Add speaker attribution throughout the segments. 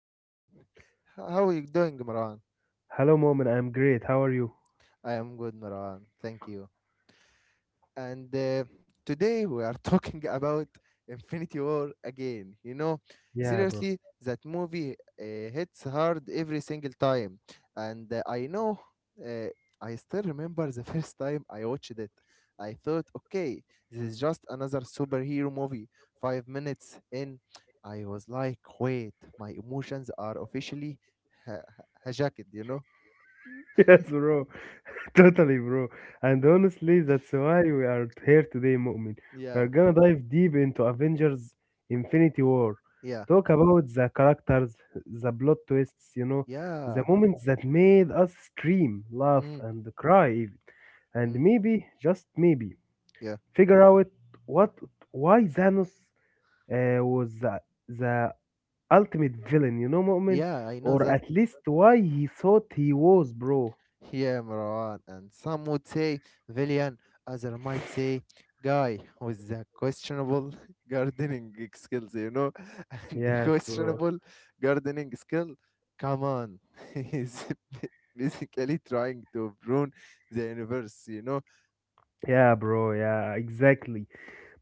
Speaker 1: Marwan. How are you doing, Marwan?
Speaker 2: Hello, Moment. I'm great. How are you?
Speaker 1: I am good, Marwan. Thank you. And Today we are talking about Infinity War again. You know,
Speaker 2: Yeah, bro.
Speaker 1: seriously, that movie hits hard every single time, and uh, I still remember the first time I watched it. I thought, okay, this is just another superhero movie. 5 minutes in, I was like, wait, my emotions are officially ha- ha- hijacked. You know?
Speaker 2: Yes, bro. Totally, bro. And honestly, that's why we are here today, Moment.
Speaker 1: Yeah,
Speaker 2: We're gonna dive deep into Avengers Infinity War.
Speaker 1: yeah,
Speaker 2: Talk about the characters, the plot twists, you know, the
Speaker 1: yeah.
Speaker 2: moments that made us scream, laugh,
Speaker 1: Mm,
Speaker 2: and cry, even. And
Speaker 1: mm,
Speaker 2: maybe, just maybe,
Speaker 1: yeah,
Speaker 2: figure out what why Thanos was the ultimate villain, you know, Mu'min?
Speaker 1: yeah. I know
Speaker 2: Or
Speaker 1: that.
Speaker 2: at least why he thought he was, bro.
Speaker 1: Yeah, Marwan, and some would say villain, others might say guy with the questionable gardening skills, you know, and the
Speaker 2: Yes, bro.
Speaker 1: questionable gardening skill. Come on, he's b- basically trying to prune the universe, you know.
Speaker 2: Yeah, bro. Yeah, exactly.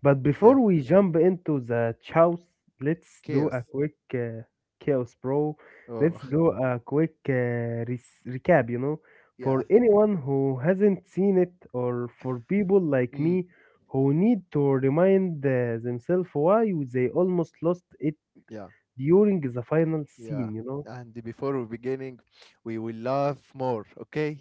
Speaker 2: But
Speaker 1: Yeah,
Speaker 2: before we jump into the chows, let's do a
Speaker 1: chaos.
Speaker 2: quick chaos, bro. Let's
Speaker 1: Oh,
Speaker 2: do a quick recap, you know, for
Speaker 1: yeah,
Speaker 2: anyone who hasn't seen it, or for people like
Speaker 1: mm,
Speaker 2: me who need to remind themselves why they almost lost it
Speaker 1: yeah,
Speaker 2: during the final
Speaker 1: yeah.
Speaker 2: scene, you know.
Speaker 1: And before we beginning, we will laugh more, okay?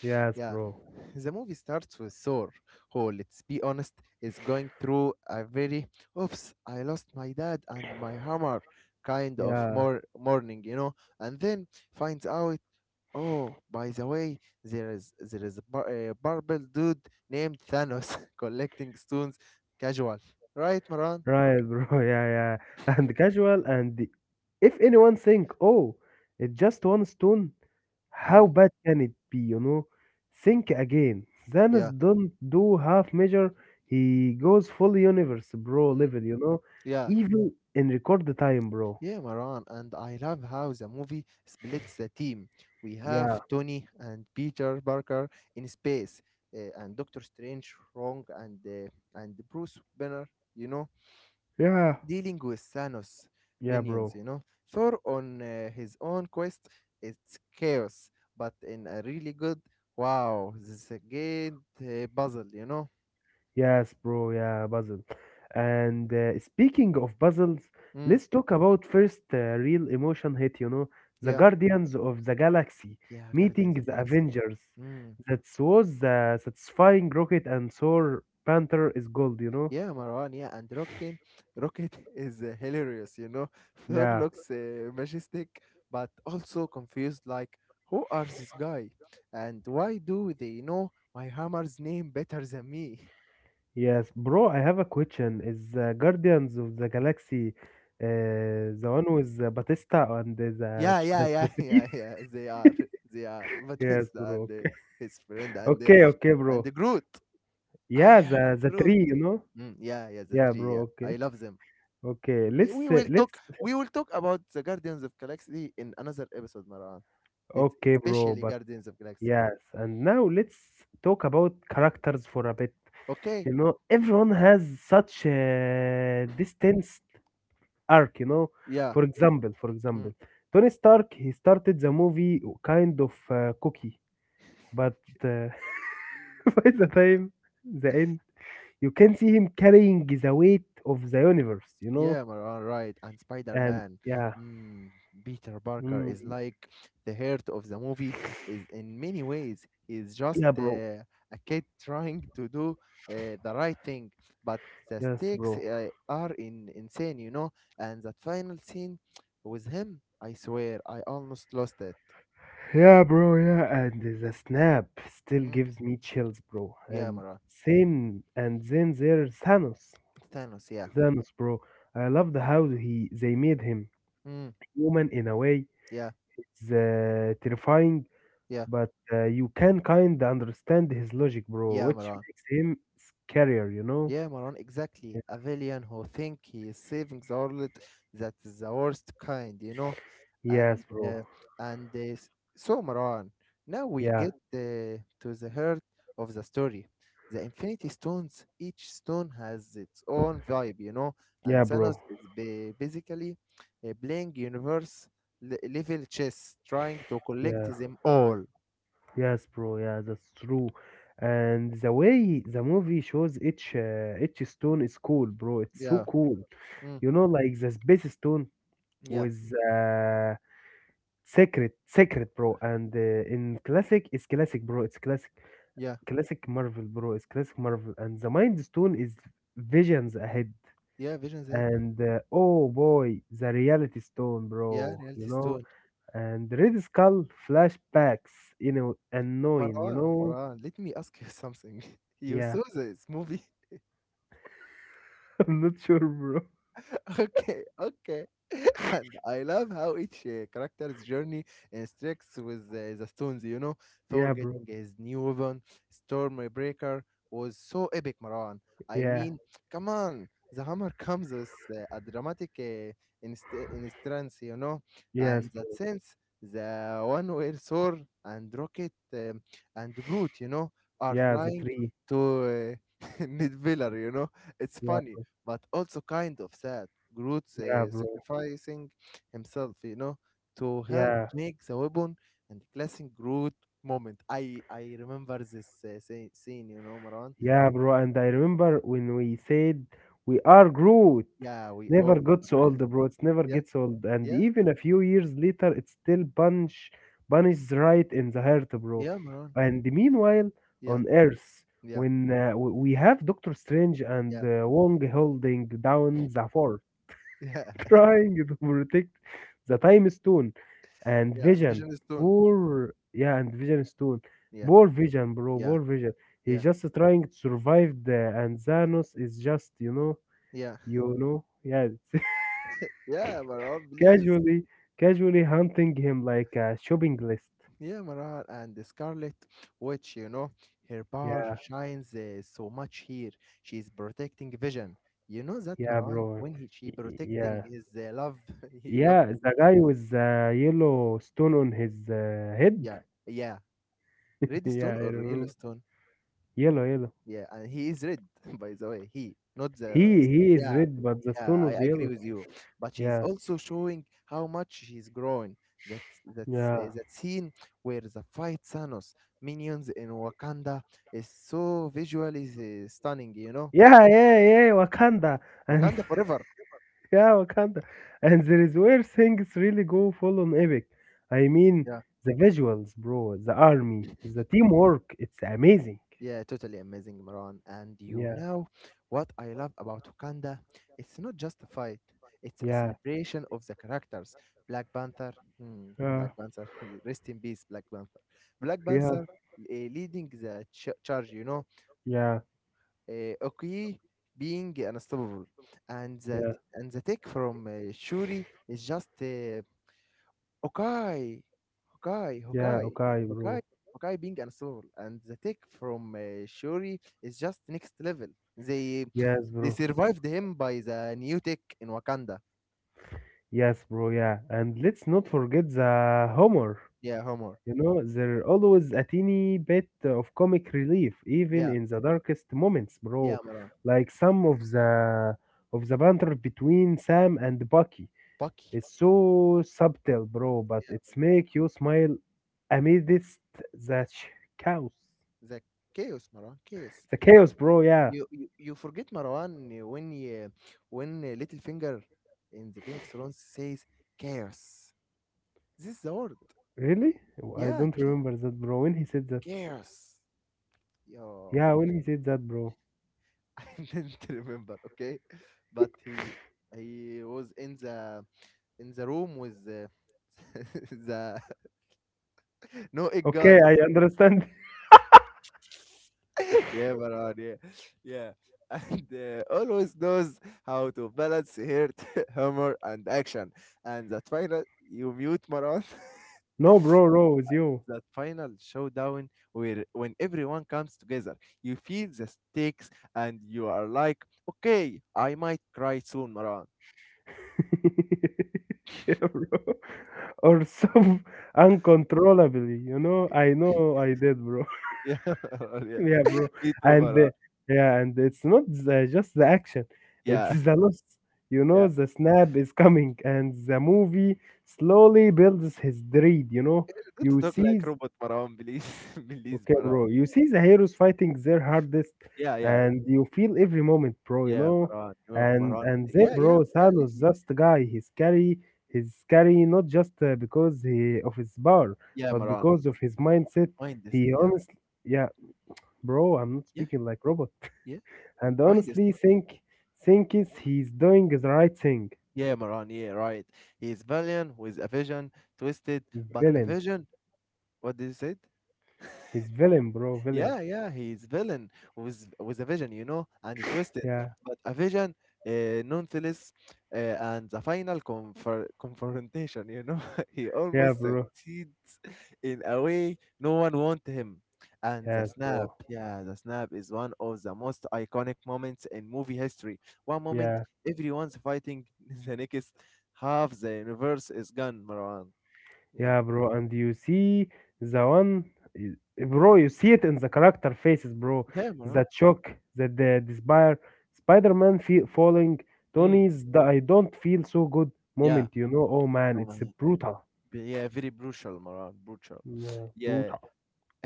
Speaker 2: Yes,
Speaker 1: Yeah.
Speaker 2: bro.
Speaker 1: The movie starts with Thor, who, let's be honest, is going through a very oops, I lost my dad and my hammer kind of
Speaker 2: Yeah,
Speaker 1: more morning, you know, and then finds out, oh, by the way, there is a, a barbell dude named Thanos collecting stones casual. Right, Maran?
Speaker 2: right, bro. Yeah, yeah. And casual, if anyone think, oh, it's just one stone, how
Speaker 1: Mm,
Speaker 2: bad can it be, you know? Think again. Thanos
Speaker 1: yeah.
Speaker 2: don't do half measure. He goes full universe, bro,
Speaker 1: Mm,
Speaker 2: level, you know?
Speaker 1: yeah.
Speaker 2: Even in record the time, bro.
Speaker 1: Yeah, Maran, and I love how the movie splits the team. We
Speaker 2: Yeah,
Speaker 1: have Tony and Peter Parker in space, and Doctor Strange, Wrong, and Bruce Banner. You know,
Speaker 2: yeah,
Speaker 1: dealing with Thanos
Speaker 2: yeah,
Speaker 1: minions.
Speaker 2: bro.
Speaker 1: You know, Thor on his own quest. It's chaos, but in a really good. Wow, this is a good puzzle. You know.
Speaker 2: Yes, bro. Yeah, puzzle. And speaking of puzzles,
Speaker 1: Mm,
Speaker 2: let's talk about first real emotion hit, you know, the
Speaker 1: yeah,
Speaker 2: Guardians of the Galaxy
Speaker 1: yeah,
Speaker 2: meeting
Speaker 1: Guardians of
Speaker 2: the
Speaker 1: Galaxy.
Speaker 2: Avengers.
Speaker 1: Mm.
Speaker 2: That was the satisfying Rocket and Thor Panther is gold, you know?
Speaker 1: Yeah, Marwan, yeah, and Rocket is hilarious, you know. Thor
Speaker 2: Yeah.
Speaker 1: looks majestic, but also confused, like, who are this guy? And why do they know my hammer's name better than me?
Speaker 2: Yes, bro, I have a question. Is the Guardians of the Galaxy the one with the Batista and
Speaker 1: Yeah, yeah,
Speaker 2: that's
Speaker 1: yeah,
Speaker 2: the
Speaker 1: yeah,
Speaker 2: tree?
Speaker 1: yeah, they are, they are,
Speaker 2: Yes,
Speaker 1: Batista
Speaker 2: bro.
Speaker 1: and
Speaker 2: Okay.
Speaker 1: his friend and
Speaker 2: Okay, okay,
Speaker 1: and
Speaker 2: bro.
Speaker 1: Groot. I
Speaker 2: Yeah,
Speaker 1: am
Speaker 2: the
Speaker 1: Groot.
Speaker 2: tree, you know?
Speaker 1: Mm, yeah, yeah, the
Speaker 2: Yeah,
Speaker 1: three,
Speaker 2: bro.
Speaker 1: yeah,
Speaker 2: Okay.
Speaker 1: I love them.
Speaker 2: Okay. Let's
Speaker 1: We will talk about the Guardians of Galaxy in another episode, Marwan. Let
Speaker 2: okay, bro.
Speaker 1: especially
Speaker 2: But
Speaker 1: Guardians of Galaxy.
Speaker 2: yes, and now let's talk about characters for a bit.
Speaker 1: Okay,
Speaker 2: You know, everyone has such a distinct arc, you know.
Speaker 1: yeah,
Speaker 2: For example,
Speaker 1: mm,
Speaker 2: Tony Stark, he started the movie kind of cookie, but uh, by the time the end, you can see him carrying the weight of the universe, you know?
Speaker 1: yeah, Marwan, right. And
Speaker 2: And
Speaker 1: Spider-Man,
Speaker 2: yeah.
Speaker 1: mm, Peter Parker
Speaker 2: Mm,
Speaker 1: is like the heart of the movie. Is in many ways, he's just
Speaker 2: yeah, bro.
Speaker 1: a kid trying to do the right thing, but the
Speaker 2: Yes,
Speaker 1: stakes
Speaker 2: bro.
Speaker 1: are in insane, you know. And that final scene with him, I swear, I almost lost it.
Speaker 2: Yeah, bro, yeah, and the snap still
Speaker 1: Mm,
Speaker 2: gives me chills, bro.
Speaker 1: yeah,
Speaker 2: And
Speaker 1: Marwan,
Speaker 2: same, and then there's Thanos.
Speaker 1: Thanos, yeah.
Speaker 2: Thanos, bro. I loved how he they made him
Speaker 1: Mm,
Speaker 2: human in a way.
Speaker 1: yeah,
Speaker 2: It's terrifying,
Speaker 1: yeah,
Speaker 2: but you can kind of understand his logic, bro,
Speaker 1: yeah,
Speaker 2: which
Speaker 1: Marwan.
Speaker 2: makes him scarier, you know?
Speaker 1: Yeah, Maran, exactly.
Speaker 2: Yeah.
Speaker 1: A villain who think he is saving the world, that is the worst kind, you know. And
Speaker 2: Yes, bro.
Speaker 1: uh, and uh, s- so, Maran, now we
Speaker 2: Yeah,
Speaker 1: get to the heart of the story. The Infinity Stones. Each stone has its own vibe, you know.
Speaker 2: yeah,
Speaker 1: And Thanos
Speaker 2: bro.
Speaker 1: is basically playing universe level chess, trying to collect
Speaker 2: Yeah.
Speaker 1: them all.
Speaker 2: Yes, bro. Yeah, that's true. And the way the movie shows each stone is cool, bro. It's so
Speaker 1: Yeah.
Speaker 2: cool.
Speaker 1: Mm.
Speaker 2: You know, like the space stone
Speaker 1: Yeah.
Speaker 2: was sacred, bro. And it's classic, bro.
Speaker 1: Yeah.
Speaker 2: Classic Marvel, bro. It's classic Marvel. And the mind stone is visions ahead.
Speaker 1: Yeah. Vision Z.
Speaker 2: And oh boy, the reality stone,
Speaker 1: Yeah.
Speaker 2: bro. You
Speaker 1: Reality
Speaker 2: know,
Speaker 1: Stone.
Speaker 2: and Red Skull flashbacks. You know, annoying. You
Speaker 1: Marwan,
Speaker 2: know,
Speaker 1: Marwan, let me ask you something. You
Speaker 2: yeah.
Speaker 1: saw this movie?
Speaker 2: I'm not sure, bro.
Speaker 1: Okay, okay. And I love how each character's journey instructs with the stones, you know. Thor
Speaker 2: Yeah, bro.
Speaker 1: getting his new weapon, Stormbreaker, was so epic, Marwan. I
Speaker 2: Yeah.
Speaker 1: mean, come on, the hammer comes with a dramatic instance, you know. And
Speaker 2: Yes,
Speaker 1: that
Speaker 2: bro.
Speaker 1: sense, the one where Thor and Rocket and Groot, you know, are
Speaker 2: Yeah, the
Speaker 1: flying
Speaker 2: tree.
Speaker 1: to Nidviller, you know. It's
Speaker 2: Yeah.
Speaker 1: funny but also kind of sad Groot
Speaker 2: Yeah, bro.
Speaker 1: sacrificing himself, you know, to help
Speaker 2: Yeah.
Speaker 1: make the weapon and classic Groot moment. I remember this scene, you know, Maran.
Speaker 2: Yeah, bro. And I remember when we said we are Groot.
Speaker 1: Yeah, we all.
Speaker 2: Never got so old, bro. It's never
Speaker 1: Yeah,
Speaker 2: gets old. And
Speaker 1: yeah,
Speaker 2: even a few years later, it still punch punishes right in the heart, bro.
Speaker 1: yeah, Maran.
Speaker 2: And meanwhile,
Speaker 1: Yeah,
Speaker 2: on Earth,
Speaker 1: yeah,
Speaker 2: when we have Doctor Strange
Speaker 1: yeah,
Speaker 2: and Wong holding down the fort,
Speaker 1: yeah,
Speaker 2: trying to protect the time stone and
Speaker 1: yeah. And Vision Stone.
Speaker 2: vision stone,
Speaker 1: Yeah, yeah,
Speaker 2: poor vision. He's
Speaker 1: yeah,
Speaker 2: just trying to survive the, and Thanos is just, you know,
Speaker 1: yeah,
Speaker 2: you know, yeah, it's
Speaker 1: yeah, Maran. Please.
Speaker 2: casually casually hunting him like a shopping list.
Speaker 1: Yeah, Maran, and the Scarlet Witch, you know, her power
Speaker 2: Yeah.
Speaker 1: shines so much here. She's protecting Vision. You know that,
Speaker 2: Yeah,
Speaker 1: Maran,
Speaker 2: bro.
Speaker 1: when he she
Speaker 2: Yeah,
Speaker 1: protecting his love, he loved,
Speaker 2: yeah, the guy with the yellow stone on his head.
Speaker 1: yeah, yeah,
Speaker 2: Yeah, I
Speaker 1: Redstone or
Speaker 2: remember.
Speaker 1: Yellowstone.
Speaker 2: Yellow.
Speaker 1: Yeah, and he is red, by the way. He, not the.
Speaker 2: he he is
Speaker 1: Yeah,
Speaker 2: red, but the
Speaker 1: yeah,
Speaker 2: stone
Speaker 1: I
Speaker 2: was
Speaker 1: agree
Speaker 2: yellow.
Speaker 1: with you. But she's
Speaker 2: Yeah,
Speaker 1: also showing how much she's grown.
Speaker 2: yeah,
Speaker 1: That scene where the fight Thanos minions in Wakanda is so visually stunning. You know,
Speaker 2: yeah, yeah, yeah, Wakanda, and
Speaker 1: Wakanda forever.
Speaker 2: yeah, Wakanda, and there is where things really go full on epic. I mean,
Speaker 1: Yeah.
Speaker 2: the visuals, bro, the army, the teamwork, it's amazing.
Speaker 1: Yeah, totally amazing, Maran. And you
Speaker 2: Yeah,
Speaker 1: know what I love about Wakanda? It's not just a fight, it's a
Speaker 2: yeah,
Speaker 1: celebration of the characters. Black Panther, hmm, Black Panther, rest in peace, Black Panther. Black
Speaker 2: yeah,
Speaker 1: Panther leading the charge, you know,
Speaker 2: yeah,
Speaker 1: Okoye being unstoppable. And that
Speaker 2: yeah,
Speaker 1: and the take from Shuri is just Hawkeye, Hawkeye,
Speaker 2: yeah,
Speaker 1: Hawkeye,
Speaker 2: okay,
Speaker 1: Hawkeye,
Speaker 2: bro.
Speaker 1: Hawkeye being unstoppable, and the take from Shuri is just next level. They
Speaker 2: Yes,
Speaker 1: they
Speaker 2: bro.
Speaker 1: survived him by the new tech in Wakanda.
Speaker 2: Yes, bro, yeah. And let's not forget the humor.
Speaker 1: Yeah, Homer.
Speaker 2: You know, there always a teeny bit of comic relief, even
Speaker 1: Yeah,
Speaker 2: in the darkest moments,
Speaker 1: yeah,
Speaker 2: bro.
Speaker 1: Marwan.
Speaker 2: Like some of the banter between Sam and Bucky.
Speaker 1: Bucky,
Speaker 2: It's so subtle, bro, but it's make you smile amidst the ch- chaos.
Speaker 1: the chaos, Marwan, chaos.
Speaker 2: The chaos, bro. Yeah,
Speaker 1: You forget Marwan uh, when uh, when Littlefinger in the Game of Thrones says chaos. This is the word.
Speaker 2: really? I
Speaker 1: Yeah,
Speaker 2: don't remember that, bro. When he said that,
Speaker 1: chaos. Yeah.
Speaker 2: yeah, when he said that, bro.
Speaker 1: I didn't remember, okay? But he was in the room with the the no egg
Speaker 2: Okay,
Speaker 1: guy.
Speaker 2: I understand.
Speaker 1: Yeah, Maran, yeah. Yeah. And always knows how to balance heart, humor, and action. And that final, you mute Maran,
Speaker 2: No, bro, bro, with you.
Speaker 1: that final showdown where when everyone comes together, you feel the stakes and you are like, okay, I might cry soon, Maran.
Speaker 2: Yeah, bro. Or some uncontrollably, you know? I know I did, bro.
Speaker 1: Yeah,
Speaker 2: Yeah, bro.
Speaker 1: Vito
Speaker 2: And
Speaker 1: Maran.
Speaker 2: the, yeah, and it's not the, just the action. It's
Speaker 1: Yeah,
Speaker 2: the loss. You know,
Speaker 1: yeah.
Speaker 2: the snap is coming, and the movie slowly builds his dread. You know,
Speaker 1: Don't
Speaker 2: you
Speaker 1: talk like
Speaker 2: see
Speaker 1: robot Maran, please. Please,
Speaker 2: okay,
Speaker 1: Maran.
Speaker 2: bro. You see the heroes fighting their hardest,
Speaker 1: Yeah, yeah.
Speaker 2: and you feel every moment, bro. You
Speaker 1: Yeah,
Speaker 2: know,
Speaker 1: Maran. You know,
Speaker 2: and
Speaker 1: Maran.
Speaker 2: and then,
Speaker 1: Yeah,
Speaker 2: bro,
Speaker 1: yeah, yeah. Let
Speaker 2: Thanos,
Speaker 1: me.
Speaker 2: just a guy, he's scary. He's scary not just because he, of his power,
Speaker 1: Yeah,
Speaker 2: but
Speaker 1: Maran.
Speaker 2: because of his mindset.
Speaker 1: Mind this.
Speaker 2: He
Speaker 1: Yeah,
Speaker 2: honestly, yeah, bro. I'm not
Speaker 1: yeah,
Speaker 2: speaking like robot.
Speaker 1: yeah.
Speaker 2: And
Speaker 1: Mind this.
Speaker 2: honestly, think is he's doing the right thing.
Speaker 1: Yeah, Maran. Yeah, right. He is valiant with a vision, twisted, but a
Speaker 2: Villain,
Speaker 1: vision. What did you say?
Speaker 2: he's villain, bro. Villain.
Speaker 1: Yeah, yeah, he's villain with a vision, you know, and twisted,
Speaker 2: Yeah,
Speaker 1: but a vision nonetheless, and the final confer confrontation, you know, he
Speaker 2: yeah,
Speaker 1: almost
Speaker 2: bro.
Speaker 1: succeeds in a way no one want him. And the
Speaker 2: Yes,
Speaker 1: snap,
Speaker 2: bro.
Speaker 1: yeah, the snap is one of the most iconic moments in movie history. One moment
Speaker 2: Yeah.
Speaker 1: everyone's fighting, the next half the universe is gone, Marwan. Yeah,
Speaker 2: Yeah, bro, and you see the one, eh, bro, you see it in the character faces, bro.
Speaker 1: yeah, Marwan.
Speaker 2: That shock, that the despair, Spider-Man fe falling,
Speaker 1: Mm,
Speaker 2: Tony's the I don't feel so good
Speaker 1: yeah.
Speaker 2: moment, you know. Oh man,
Speaker 1: Oh my.
Speaker 2: it's brutal.
Speaker 1: Yeah, very brutal, Maran, brutal.
Speaker 2: Yeah,
Speaker 1: Yeah,
Speaker 2: brutal.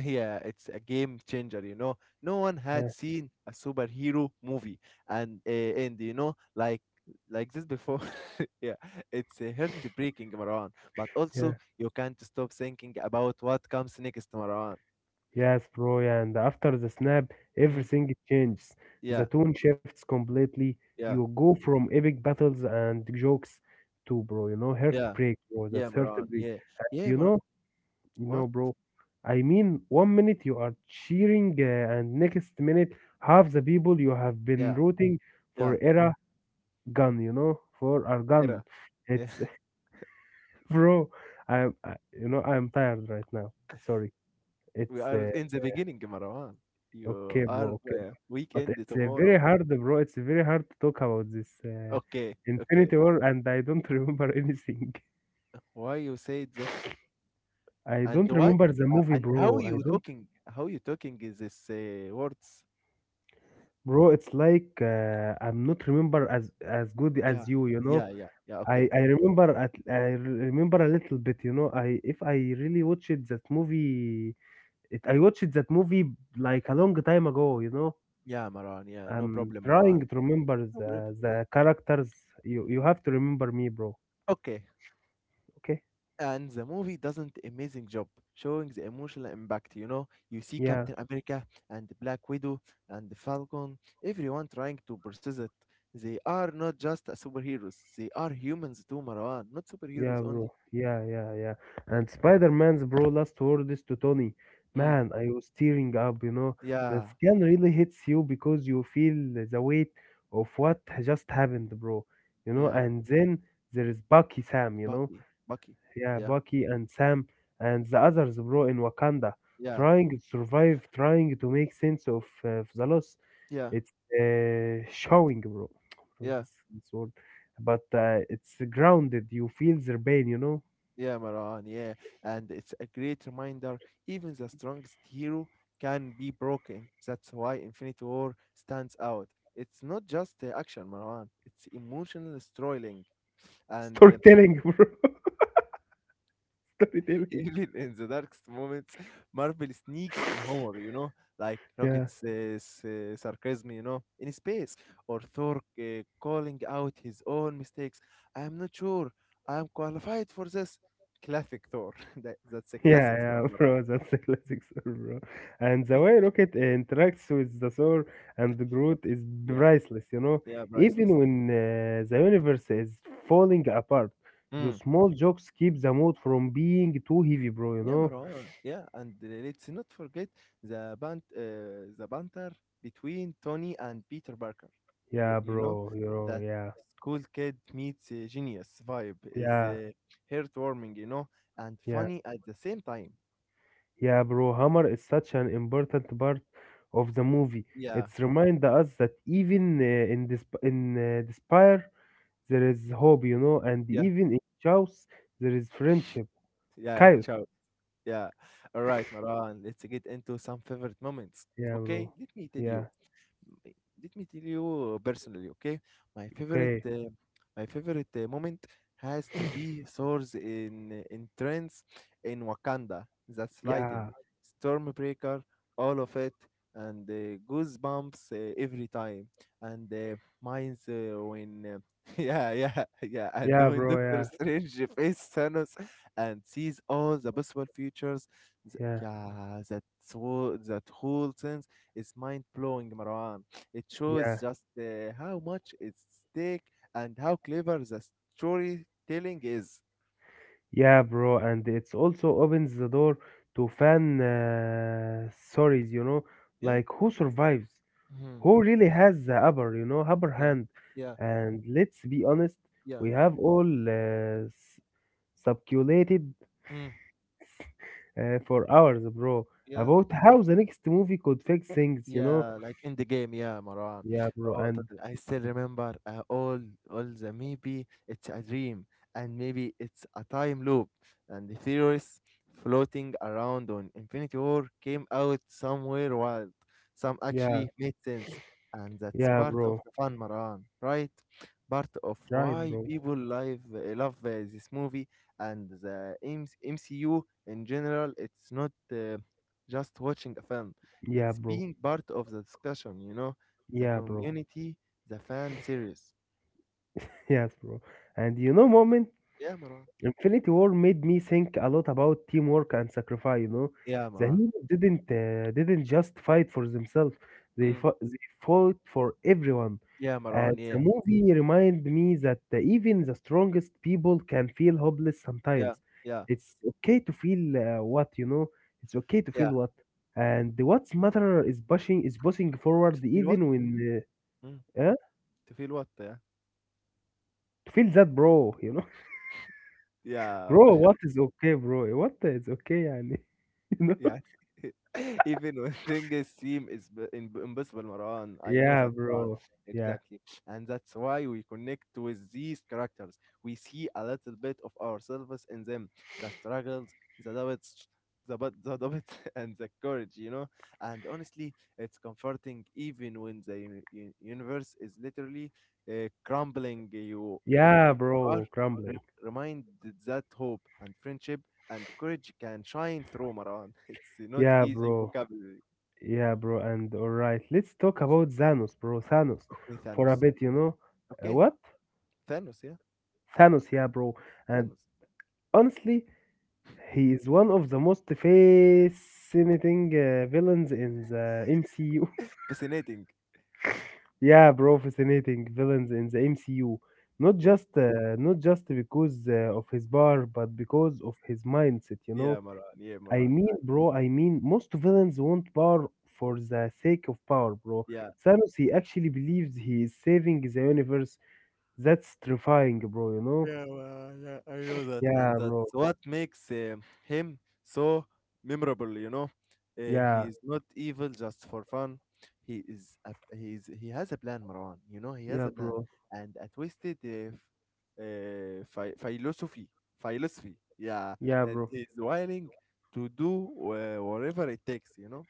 Speaker 1: yeah, it's a game changer, you know. No one had
Speaker 2: Yeah,
Speaker 1: seen a superhero movie and you know like this before. Yeah, it's heartbreaking, Maran. But also,
Speaker 2: yeah,
Speaker 1: you can't stop thinking about what comes next, Maran.
Speaker 2: yes, bro. Yeah, and after the snap,
Speaker 1: Mm,
Speaker 2: everything changes. The
Speaker 1: yeah,
Speaker 2: tone shifts completely.
Speaker 1: yeah,
Speaker 2: You go from epic battles and jokes to, bro, you know,
Speaker 1: yeah,
Speaker 2: heartbreak, bro.
Speaker 1: yeah,
Speaker 2: That's
Speaker 1: Maran.
Speaker 2: heartbreak.
Speaker 1: Yeah, yeah,
Speaker 2: You
Speaker 1: Mar.
Speaker 2: know, you know,
Speaker 1: What?
Speaker 2: bro. I mean, one minute you are cheering, and next minute half the people you have been
Speaker 1: Yeah,
Speaker 2: rooting
Speaker 1: yeah,
Speaker 2: for era gun. You know, for are gun.
Speaker 1: era. Yeah,
Speaker 2: It's bro. You know, I'm tired right now. Sorry.
Speaker 1: we
Speaker 2: It's
Speaker 1: are in the beginning, Maran. You
Speaker 2: okay,
Speaker 1: are
Speaker 2: bro. Okay, but
Speaker 1: weekend
Speaker 2: it's
Speaker 1: tomorrow.
Speaker 2: very hard, bro. It's very hard to talk about this
Speaker 1: Okay, okay.
Speaker 2: Infinity War, and I don't remember anything.
Speaker 1: Why you say that?
Speaker 2: I
Speaker 1: And
Speaker 2: don't
Speaker 1: why?
Speaker 2: remember the movie,
Speaker 1: And how
Speaker 2: bro. I
Speaker 1: you
Speaker 2: don't.
Speaker 1: talking? How you talking is this words?
Speaker 2: Bro, it's like I'm not remember as good
Speaker 1: Yeah,
Speaker 2: as you, you know.
Speaker 1: yeah, yeah, yeah.
Speaker 2: I
Speaker 1: Okay.
Speaker 2: I remember at remember a little bit, you know. I if I really watched that movie, it, I watched that movie like a long time ago, you know.
Speaker 1: Yeah, Maran. Yeah, no
Speaker 2: I'm
Speaker 1: problem, Maran.
Speaker 2: trying to remember
Speaker 1: No problem.
Speaker 2: the characters. You have to remember me, bro.
Speaker 1: Okay.
Speaker 2: Okay?
Speaker 1: And the movie doesn't amazing job showing the emotional impact. You know, you see
Speaker 2: Yeah.
Speaker 1: Captain America and Black Widow and the Falcon. Everyone trying to process it. They are not just superheroes. They are humans too, Marwan. Not
Speaker 2: Yeah,
Speaker 1: superheroes
Speaker 2: bro.
Speaker 1: only.
Speaker 2: Yeah, yeah, yeah. And Spider-Man's bro last words to Tony.
Speaker 1: Mm.
Speaker 2: Man, I was tearing up, you know. That
Speaker 1: Yeah,
Speaker 2: scan really hits you because you feel the weight of what just happened, bro. You know,
Speaker 1: yeah.
Speaker 2: and then there is Bucky Sam, you know.
Speaker 1: Bucky, Bucky.
Speaker 2: Yeah,
Speaker 1: Yeah,
Speaker 2: Bucky and Sam and the others, bro, in Wakanda,
Speaker 1: yeah,
Speaker 2: trying to survive, trying to make sense of the loss.
Speaker 1: yeah,
Speaker 2: It's showing, bro. Bro,
Speaker 1: yeah,
Speaker 2: this word. But it's grounded. You feel their pain, you know.
Speaker 1: yeah, Maran. Yeah, and it's a great reminder. Even the strongest hero can be broken. That's why Infinity War stands out. It's not just the action, Marwan. It's emotional storytelling, and
Speaker 2: Storytelling, bro. Storytelling.
Speaker 1: even in the darkest moments, Marvel sneaks in humor, you know, like
Speaker 2: Yeah.
Speaker 1: Rocket's sarcasm, you know, in space, or Thor calling out his own mistakes. I am not sure I am qualified for this. Classic Thor. That's a classic
Speaker 2: Yeah,
Speaker 1: Thor.
Speaker 2: yeah,
Speaker 1: Nora.
Speaker 2: bro. That's a classic Thor, bro. And the way Rocket interacts with the Thor and Groot is
Speaker 1: yeah,
Speaker 2: priceless, you know.
Speaker 1: yeah, priceless.
Speaker 2: Even when the universe is falling apart, the
Speaker 1: Mm.
Speaker 2: small jokes keep the mood from being too heavy, bro, you
Speaker 1: Yeah,
Speaker 2: know.
Speaker 1: Marwan. Yeah, and let's not forget the banter between Tony and Peter Parker.
Speaker 2: Yeah,
Speaker 1: You know
Speaker 2: bro, you know,
Speaker 1: that
Speaker 2: yeah,
Speaker 1: school kid meets a genius vibe is
Speaker 2: yeah,
Speaker 1: heartwarming, you know, and
Speaker 2: yeah.
Speaker 1: funny at the same time.
Speaker 2: Yeah, bro, Hammer is such an important part of the movie.
Speaker 1: Yeah,
Speaker 2: It's remind us that even in this in despair there is hope, you know, and
Speaker 1: yeah,
Speaker 2: even in chaos there is friendship.
Speaker 1: yeah.
Speaker 2: Chaos.
Speaker 1: Ciao. Yeah. All right, Marwan. Let's get into some favorite moments.
Speaker 2: Yeah,
Speaker 1: Okay,
Speaker 2: bro.
Speaker 1: let me tell you.
Speaker 2: Yeah.
Speaker 1: Let me tell you personally, okay? My favorite,
Speaker 2: Okay.
Speaker 1: uh, my favorite moment has to be Thor's in entrance in Wakanda. That's lighting,
Speaker 2: Yeah.
Speaker 1: Stormbreaker, all of it, and goosebumps every time. And mine's yeah, yeah, yeah, and
Speaker 2: Yeah,
Speaker 1: when
Speaker 2: bro.
Speaker 1: Doctor
Speaker 2: Yeah.
Speaker 1: Strange faces Thanos and sees all the possible futures.
Speaker 2: Yeah.
Speaker 1: Yeah, that whole sense is mind blowing, Marwan. It shows
Speaker 2: Yeah.
Speaker 1: just how much it's stake and how clever the storytelling is.
Speaker 2: Yeah, bro. And it's also opens the door to fan stories, you know,
Speaker 1: Yeah.
Speaker 2: like who survives.
Speaker 1: Mm-hmm.
Speaker 2: Who really has the upper, you know, upper
Speaker 1: Yeah.
Speaker 2: hand?
Speaker 1: Yeah.
Speaker 2: And let's be honest,
Speaker 1: Yeah.
Speaker 2: we have all speculated
Speaker 1: Mm.
Speaker 2: for hours, bro,
Speaker 1: Yeah.
Speaker 2: about how the next movie could fix things, you know?
Speaker 1: Yeah, like in the game, yeah, Marwan.
Speaker 2: Yeah, bro,
Speaker 1: Oh,
Speaker 2: and
Speaker 1: totally. I still remember all the maybe it's a dream and maybe it's a time loop and the theories floating around on Infinity War came out somewhere wild. Some
Speaker 2: yeah,
Speaker 1: actually made sense, and that's
Speaker 2: yeah,
Speaker 1: part of
Speaker 2: bro,
Speaker 1: the fun, Marwan, right? Part of
Speaker 2: right,
Speaker 1: why
Speaker 2: bro,
Speaker 1: people live, love this movie and the MCU in general. It's not just watching a film.
Speaker 2: yeah,
Speaker 1: It's
Speaker 2: bro,
Speaker 1: being part of the discussion, you know, the
Speaker 2: yeah, bro,
Speaker 1: community, the fan series.
Speaker 2: yes, bro. And you know, moment,
Speaker 1: Yeah, Maran.
Speaker 2: Infinity War made me think a lot about teamwork and sacrifice, you know?
Speaker 1: Yeah,
Speaker 2: The
Speaker 1: Maran.
Speaker 2: heroes didn't just fight for themselves;
Speaker 1: Mm.
Speaker 2: they fought for everyone.
Speaker 1: Yeah, Maran.
Speaker 2: The
Speaker 1: Yeah,
Speaker 2: movie remind me that even the strongest people can feel hopeless
Speaker 1: yeah,
Speaker 2: sometimes.
Speaker 1: yeah,
Speaker 2: It's okay to feel what you know. It's okay to
Speaker 1: yeah.
Speaker 2: feel what, and what's matter is pushing forward
Speaker 1: Feel what?
Speaker 2: even when
Speaker 1: Mm.
Speaker 2: uh, uh,
Speaker 1: To feel what? Yeah.
Speaker 2: to feel that, bro. You know,
Speaker 1: Yeah,
Speaker 2: bro. What is okay, bro? What is okay, يعني, you know?
Speaker 1: Yeah. Even when things seem impossible, Maran. I know
Speaker 2: Yeah,
Speaker 1: that, Maran.
Speaker 2: bro. Yeah,
Speaker 1: Exactly. And that's why we connect with these characters. We see a little bit of ourselves in them, the struggles, the doubts, the doubts, and the courage, you know? And honestly, it's comforting even when the universe is literally crumbling you and
Speaker 2: yeah,
Speaker 1: you
Speaker 2: bro.
Speaker 1: are
Speaker 2: Crumbling.
Speaker 1: reminded that hope and friendship and courage can shine through, Maran. It's not
Speaker 2: Yeah,
Speaker 1: easy
Speaker 2: bro.
Speaker 1: vocabulary.
Speaker 2: Yeah, bro. And all right, let's talk about Thanos, bro. Thanos,
Speaker 1: Okay,
Speaker 2: for a
Speaker 1: Thanos.
Speaker 2: bit, you know.
Speaker 1: Okay,
Speaker 2: What?
Speaker 1: Thanos, yeah,
Speaker 2: Thanos, yeah, bro. And
Speaker 1: Thanos.
Speaker 2: honestly, he is one of the most fascinating villains in the MCU.
Speaker 1: Fascinating.
Speaker 2: Yeah, bro, fascinating villains in the MCU.
Speaker 1: Yeah,
Speaker 2: Not just because of his power, but because of his mindset. You know,
Speaker 1: yeah, Maran. Yeah, Maran. I,
Speaker 2: I mean, most villains want power for the sake of power, bro.
Speaker 1: yeah.
Speaker 2: Thanos, he actually believes he is saving the universe. That's terrifying, bro. You know?
Speaker 1: Yeah, well, yeah, I know that,
Speaker 2: Yeah,
Speaker 1: and
Speaker 2: bro.
Speaker 1: that's what makes him so memorable. You know,
Speaker 2: Yeah,
Speaker 1: he is not evil just for fun. He is a, he is he has a plan, Marwan. You know, he has
Speaker 2: yeah,
Speaker 1: a plan
Speaker 2: bro.
Speaker 1: and a twisted philosophy, philosophy. Yeah,
Speaker 2: Yeah,
Speaker 1: and
Speaker 2: bro.
Speaker 1: he's willing to do whatever it takes. You know,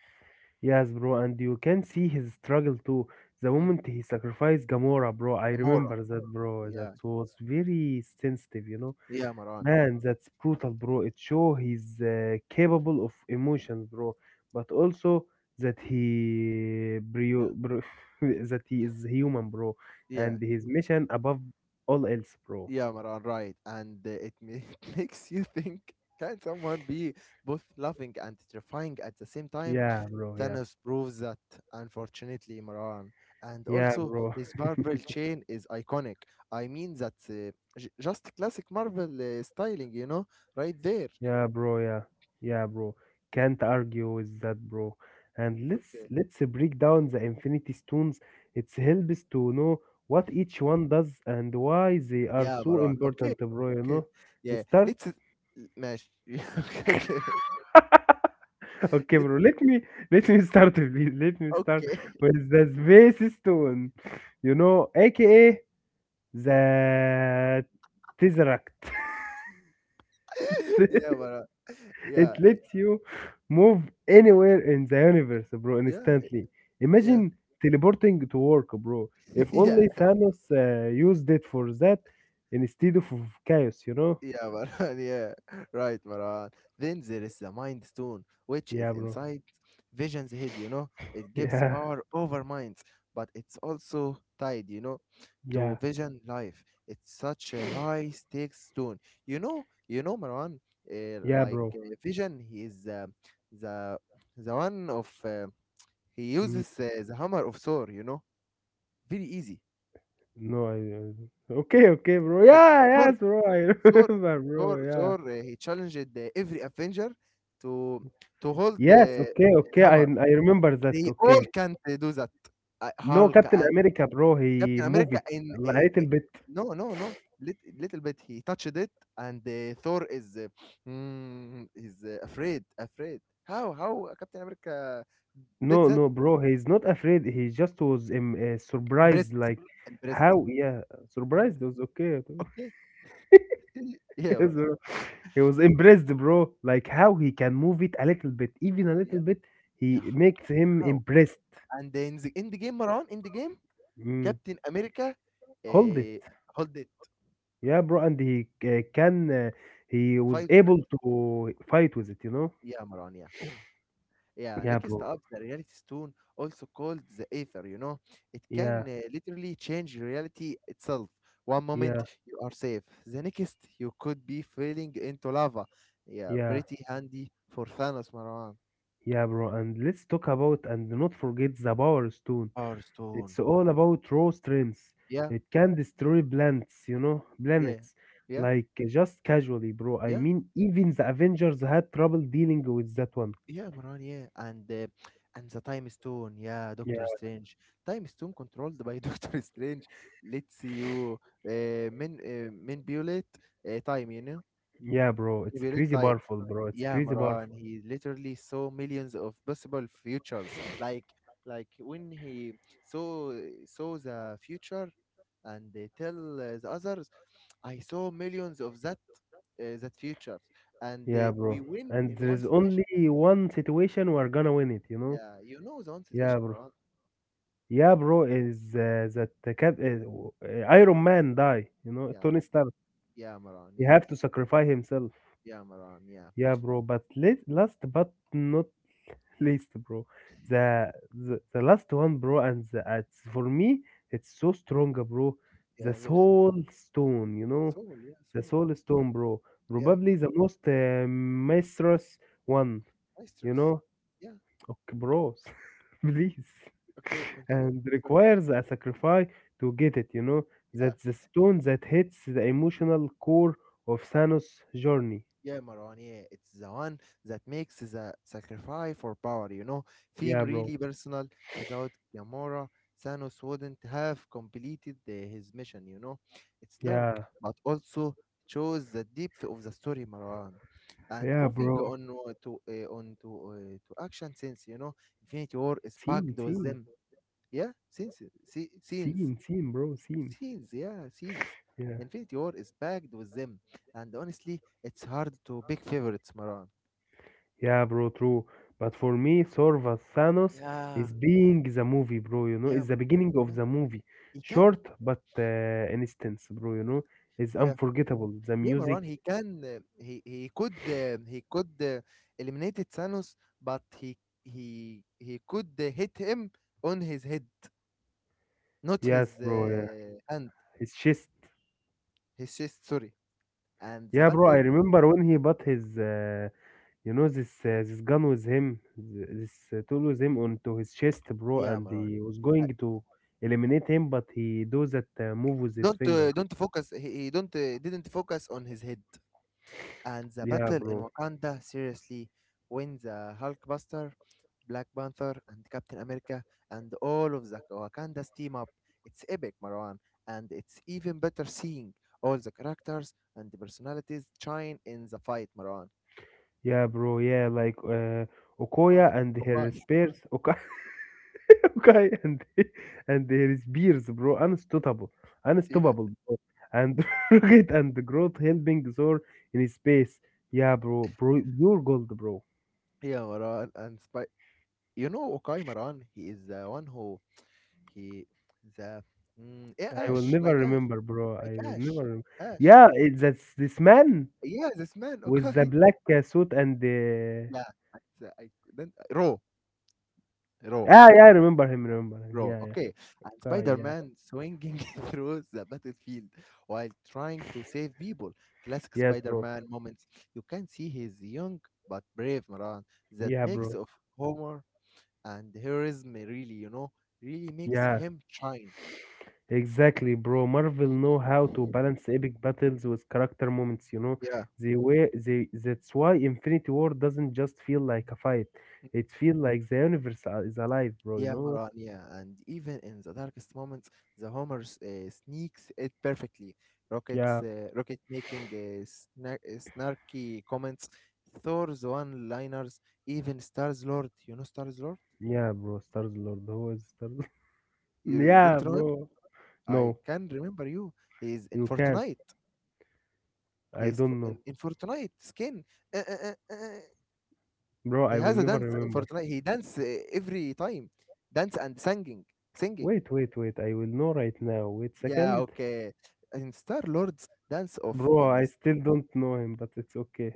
Speaker 2: Yes, bro. And you can see his struggle too. The
Speaker 1: mm.
Speaker 2: moment he sacrificed Gamora, bro, I
Speaker 1: Gamora.
Speaker 2: remember that, bro. That
Speaker 1: Yeah,
Speaker 2: was very sensitive, you know.
Speaker 1: yeah, Marwan.
Speaker 2: Man, that's brutal, bro. It show he's capable of emotions, bro. But also
Speaker 1: Yeah,
Speaker 2: bro, bro, that he is human, bro,
Speaker 1: yeah.
Speaker 2: and his mission above all else, bro.
Speaker 1: Yeah, Maran, right. And it makes you think, can someone be both loving and terrifying at the same time?
Speaker 2: Yeah, bro. Yeah,
Speaker 1: Thanos proves that, unfortunately, Maran. And
Speaker 2: yeah,
Speaker 1: also,
Speaker 2: bro.
Speaker 1: his purple chain is iconic. I mean, that's just classic Marvel styling, you know, right there.
Speaker 2: Yeah, bro. Yeah, yeah, bro. Can't argue with that, bro. And let's
Speaker 1: Okay.
Speaker 2: let's break down the Infinity Stones. It helps to know what each one does and why they are
Speaker 1: Yeah,
Speaker 2: so
Speaker 1: Maran. Okay.
Speaker 2: important, bro. You know.
Speaker 1: Okay. Yeah.
Speaker 2: Start.
Speaker 1: Let's. Mesh. okay.
Speaker 2: Okay,
Speaker 1: Let's.
Speaker 2: bro. Let me start. Please. Let me start
Speaker 1: Okay.
Speaker 2: with the Space Stone. You know, aka the Tesseract.
Speaker 1: yeah, Maran. Yeah.
Speaker 2: It lets you move anywhere in the universe, bro,
Speaker 1: Yeah.
Speaker 2: instantly.
Speaker 1: Yeah.
Speaker 2: Imagine teleporting to work, bro. If
Speaker 1: yeah.
Speaker 2: only Thanos used it for that instead of chaos, you know?
Speaker 1: Yeah, Marwan, yeah, right, Marwan. Then there is the Mind Stone, which is
Speaker 2: Yeah, bro.
Speaker 1: inside Vision's head, you know. It gives
Speaker 2: Yeah,
Speaker 1: power over minds, but it's also tied, you know, to
Speaker 2: yeah,
Speaker 1: Vision life. It's such a high stakes stone. You know, Marwan,
Speaker 2: yeah,
Speaker 1: like
Speaker 2: bro.
Speaker 1: Vision, he is uh, the the one of he
Speaker 2: Mm,
Speaker 1: uses the hammer of Thor, you know, very easy.
Speaker 2: no, I. Okay, okay, bro.
Speaker 1: Okay,
Speaker 2: Yeah,
Speaker 1: Thor
Speaker 2: yes, bro. I
Speaker 1: Thor,
Speaker 2: remember, bro.
Speaker 1: Thor,
Speaker 2: Yeah.
Speaker 1: Thor, uh, he challenged every Avenger to to hold
Speaker 2: Yes, okay,
Speaker 1: his
Speaker 2: okay. I
Speaker 1: hammer.
Speaker 2: I remember that.
Speaker 1: They all
Speaker 2: Okay.
Speaker 1: can't do that.
Speaker 2: No,
Speaker 1: Hulk
Speaker 2: Captain
Speaker 1: and
Speaker 2: America, bro. He
Speaker 1: Captain
Speaker 2: moved
Speaker 1: America
Speaker 2: it
Speaker 1: in
Speaker 2: a
Speaker 1: uh,
Speaker 2: little bit.
Speaker 1: no, no, no. Lit, little bit he touched it, and Thor is afraid, afraid. How Captain America did
Speaker 2: No,
Speaker 1: that?
Speaker 2: no, bro, he's not afraid. He just was surprised,
Speaker 1: Impressed,
Speaker 2: like
Speaker 1: impressed,
Speaker 2: how, yeah, surprised
Speaker 1: impressed.
Speaker 2: was okay.
Speaker 1: Okay, yeah, but,
Speaker 2: So, he was impressed, bro, like how he can move it a little bit, even a little
Speaker 1: yeah,
Speaker 2: bit. He
Speaker 1: yeah.
Speaker 2: makes him
Speaker 1: How?
Speaker 2: impressed.
Speaker 1: And then in the game, Maran, in the game.
Speaker 2: Mm,
Speaker 1: Captain America
Speaker 2: hold it,
Speaker 1: uh, hold it,
Speaker 2: yeah, bro, and he can. He was
Speaker 1: fight with it.
Speaker 2: able to fight with it, you know.
Speaker 1: Yeah, Maran, yeah. Yeah,
Speaker 2: Yeah,
Speaker 1: next
Speaker 2: bro.
Speaker 1: up, the reality stone, also called the ether, you know. It
Speaker 2: Yeah,
Speaker 1: can literally change reality itself. One moment
Speaker 2: yeah,
Speaker 1: you are safe, the next you could be falling into lava. Yeah,
Speaker 2: yeah,
Speaker 1: pretty handy for Thanos, Maran.
Speaker 2: yeah, bro. And let's talk about and not forget the power stone.
Speaker 1: Power stone.
Speaker 2: It's all about raw strengths.
Speaker 1: Yeah,
Speaker 2: It can destroy planets, you know,
Speaker 1: yeah,
Speaker 2: planets.
Speaker 1: yeah,
Speaker 2: Like just casually, bro. I
Speaker 1: yeah.
Speaker 2: mean, even the Avengers had trouble dealing with that one.
Speaker 1: Yeah, Maran, yeah, and the Time Stone, yeah, Doctor
Speaker 2: Yeah,
Speaker 1: Strange. Time Stone, controlled by Doctor Strange. Let's see you uh, manipulate time, you know,
Speaker 2: yeah, bro. It's
Speaker 1: manipulate
Speaker 2: crazy
Speaker 1: time.
Speaker 2: powerful, bro. It's
Speaker 1: Yeah,
Speaker 2: crazy
Speaker 1: Maran,
Speaker 2: powerful.
Speaker 1: he literally saw millions of possible futures. Like when he saw saw the future and they tell the others, I saw millions of that futures, and
Speaker 2: Yeah,
Speaker 1: we
Speaker 2: bro.
Speaker 1: win
Speaker 2: And
Speaker 1: in one
Speaker 2: there's
Speaker 1: situation.
Speaker 2: only one situation we're gonna win it, you know?
Speaker 1: Yeah, you know the one
Speaker 2: Yeah,
Speaker 1: situation,
Speaker 2: bro.
Speaker 1: Marwan.
Speaker 2: Yeah, bro. Is that the Iron Man die? You know,
Speaker 1: Yeah,
Speaker 2: Tony
Speaker 1: Mar-
Speaker 2: Stark.
Speaker 1: yeah, Marwan.
Speaker 2: He
Speaker 1: Yeah,
Speaker 2: have to sacrifice himself.
Speaker 1: yeah, Marwan. Yeah,
Speaker 2: Yeah, bro. But last but not placed, bro. The last one, bro, and it's for me, it's so strong, bro. The
Speaker 1: yeah, very soon.
Speaker 2: soul stone, you know, the
Speaker 1: Soul.
Speaker 2: soul stone, bro.
Speaker 1: Yeah,
Speaker 2: Probably the most mistress one,
Speaker 1: my
Speaker 2: you
Speaker 1: stress.
Speaker 2: know.
Speaker 1: Yeah.
Speaker 2: Okay, bros, please,
Speaker 1: Okay, continue.
Speaker 2: and
Speaker 1: Sorry.
Speaker 2: requires a sacrifice to get it, you know.
Speaker 1: Yeah.
Speaker 2: That's the stone that hits the emotional core of Thanos' journey.
Speaker 1: Yeah, Marwan, yeah, it's the one that makes the sacrifice for power, you know. Theme
Speaker 2: Yeah, bro.
Speaker 1: really personal. Without Gamora, Thanos wouldn't have completed his mission, you know. It's dark,
Speaker 2: Yeah,
Speaker 1: but also shows the depth of the story, Marwan. And
Speaker 2: yeah,
Speaker 1: moving
Speaker 2: bro.
Speaker 1: on to on to to action scenes, you know, Infinity War is
Speaker 2: See,
Speaker 1: packed
Speaker 2: see.
Speaker 1: with them. Yeah, scenes.
Speaker 2: Scene, scene, bro, scene.
Speaker 1: Scenes, yeah, scenes.
Speaker 2: Yeah,
Speaker 1: Infinity War is packed with them, and honestly, it's hard to pick favorites, Maran.
Speaker 2: yeah, bro, true. But for me, Thor Thanos
Speaker 1: Yeah.
Speaker 2: is being the movie, bro. You know,
Speaker 1: Yeah,
Speaker 2: it's
Speaker 1: Maran.
Speaker 2: the beginning of
Speaker 1: Yeah,
Speaker 2: the movie.
Speaker 1: he can.
Speaker 2: Short, but instance, bro. You know, it's
Speaker 1: Yeah,
Speaker 2: unforgettable. The
Speaker 1: yeah,
Speaker 2: music,
Speaker 1: Maran. He can. He could eliminate Thanos, but he could hit him on his head, not
Speaker 2: yes,
Speaker 1: his
Speaker 2: bro. Yeah,
Speaker 1: hand,
Speaker 2: it's just,
Speaker 1: his chest. Sorry. And the
Speaker 2: yeah, bro. I
Speaker 1: battle.
Speaker 2: remember when he bought his, you know, this this gun with him, this tool with him onto his chest, bro,
Speaker 1: Yeah,
Speaker 2: and
Speaker 1: Maran.
Speaker 2: he was
Speaker 1: Uh,
Speaker 2: going to eliminate him, but he does that move with his finger.
Speaker 1: don't focus. He don't didn't focus on his head, and the
Speaker 2: Yeah,
Speaker 1: battle in
Speaker 2: bro.
Speaker 1: Wakanda, seriously, when the Hulkbuster, Black Panther, and Captain America and all of the Wakanda's team up. It's epic, Marwan, and it's even better seeing all the characters and the personalities shine in the fight, Marwan.
Speaker 2: Yeah, bro. Yeah, like Okoya
Speaker 1: Okay,
Speaker 2: and her
Speaker 1: okay,
Speaker 2: spears. Okay, okay, and her spears, bro. Unstoppable,
Speaker 1: yeah,
Speaker 2: unstoppable, bro. And Rocket and the growth helping Zor in space. Yeah, bro, bro, pure gold, bro.
Speaker 1: yeah, Marwan, and Spy. You know, Okaï Marwan, he is the one who, he, the, yeah,
Speaker 2: I will
Speaker 1: Ash,
Speaker 2: never
Speaker 1: like Ash,
Speaker 2: remember, bro.
Speaker 1: like
Speaker 2: I will
Speaker 1: Ash,
Speaker 2: never.
Speaker 1: Ash.
Speaker 2: Yeah, that's this man
Speaker 1: Yeah, this man,
Speaker 2: with the
Speaker 1: Okaï.
Speaker 2: black suit and the.
Speaker 1: Yeah, it's, I couldn't Raw, Raw,
Speaker 2: Ah, yeah, I remember him. Remember him.
Speaker 1: Raw.
Speaker 2: Yeah, yeah.
Speaker 1: Okay, and
Speaker 2: Okay, yeah.
Speaker 1: Spider-Man swinging through the battlefield while trying to save people. Classic
Speaker 2: Yes, bro.
Speaker 1: Spider-Man moments. You can see he's young but brave, Maran. That
Speaker 2: Yeah,
Speaker 1: mix
Speaker 2: bro.
Speaker 1: of humor and heroism really, you know, really makes
Speaker 2: Yeah.
Speaker 1: him shine.
Speaker 2: Exactly, bro. Marvel know how to balance epic battles with character moments, you know.
Speaker 1: Yeah.
Speaker 2: They were they That's why Infinity War doesn't just feel like a fight. It feels like the universe is alive, bro, you
Speaker 1: Yeah,
Speaker 2: know?
Speaker 1: Maran, yeah. And even in the darkest moments, the Homer sneaks it perfectly.
Speaker 2: Yeah,
Speaker 1: Rocket making snarky comments, Thor's one-liners, even Stars Lord. You know Stars Lord?
Speaker 2: yeah, bro. Stars Lord, who is Stars?
Speaker 1: You
Speaker 2: Yeah,
Speaker 1: don't know him?
Speaker 2: bro.
Speaker 1: I
Speaker 2: No,
Speaker 1: can remember you. He's in
Speaker 2: you can't.
Speaker 1: Fortnite.
Speaker 2: I don't know.
Speaker 1: In Fortnite skin. Uh, uh, uh, uh. uh.
Speaker 2: Bro,
Speaker 1: He
Speaker 2: I will
Speaker 1: has a
Speaker 2: never
Speaker 1: dance in
Speaker 2: remember.
Speaker 1: Fortnite. He dance every time. Dance and singing. Singing.
Speaker 2: Wait, wait, wait. I will know right now. Wait
Speaker 1: Yeah,
Speaker 2: second.
Speaker 1: okay. In Star Lord's Dance Off
Speaker 2: Bro,
Speaker 1: in
Speaker 2: I still don't know him, but it's okay.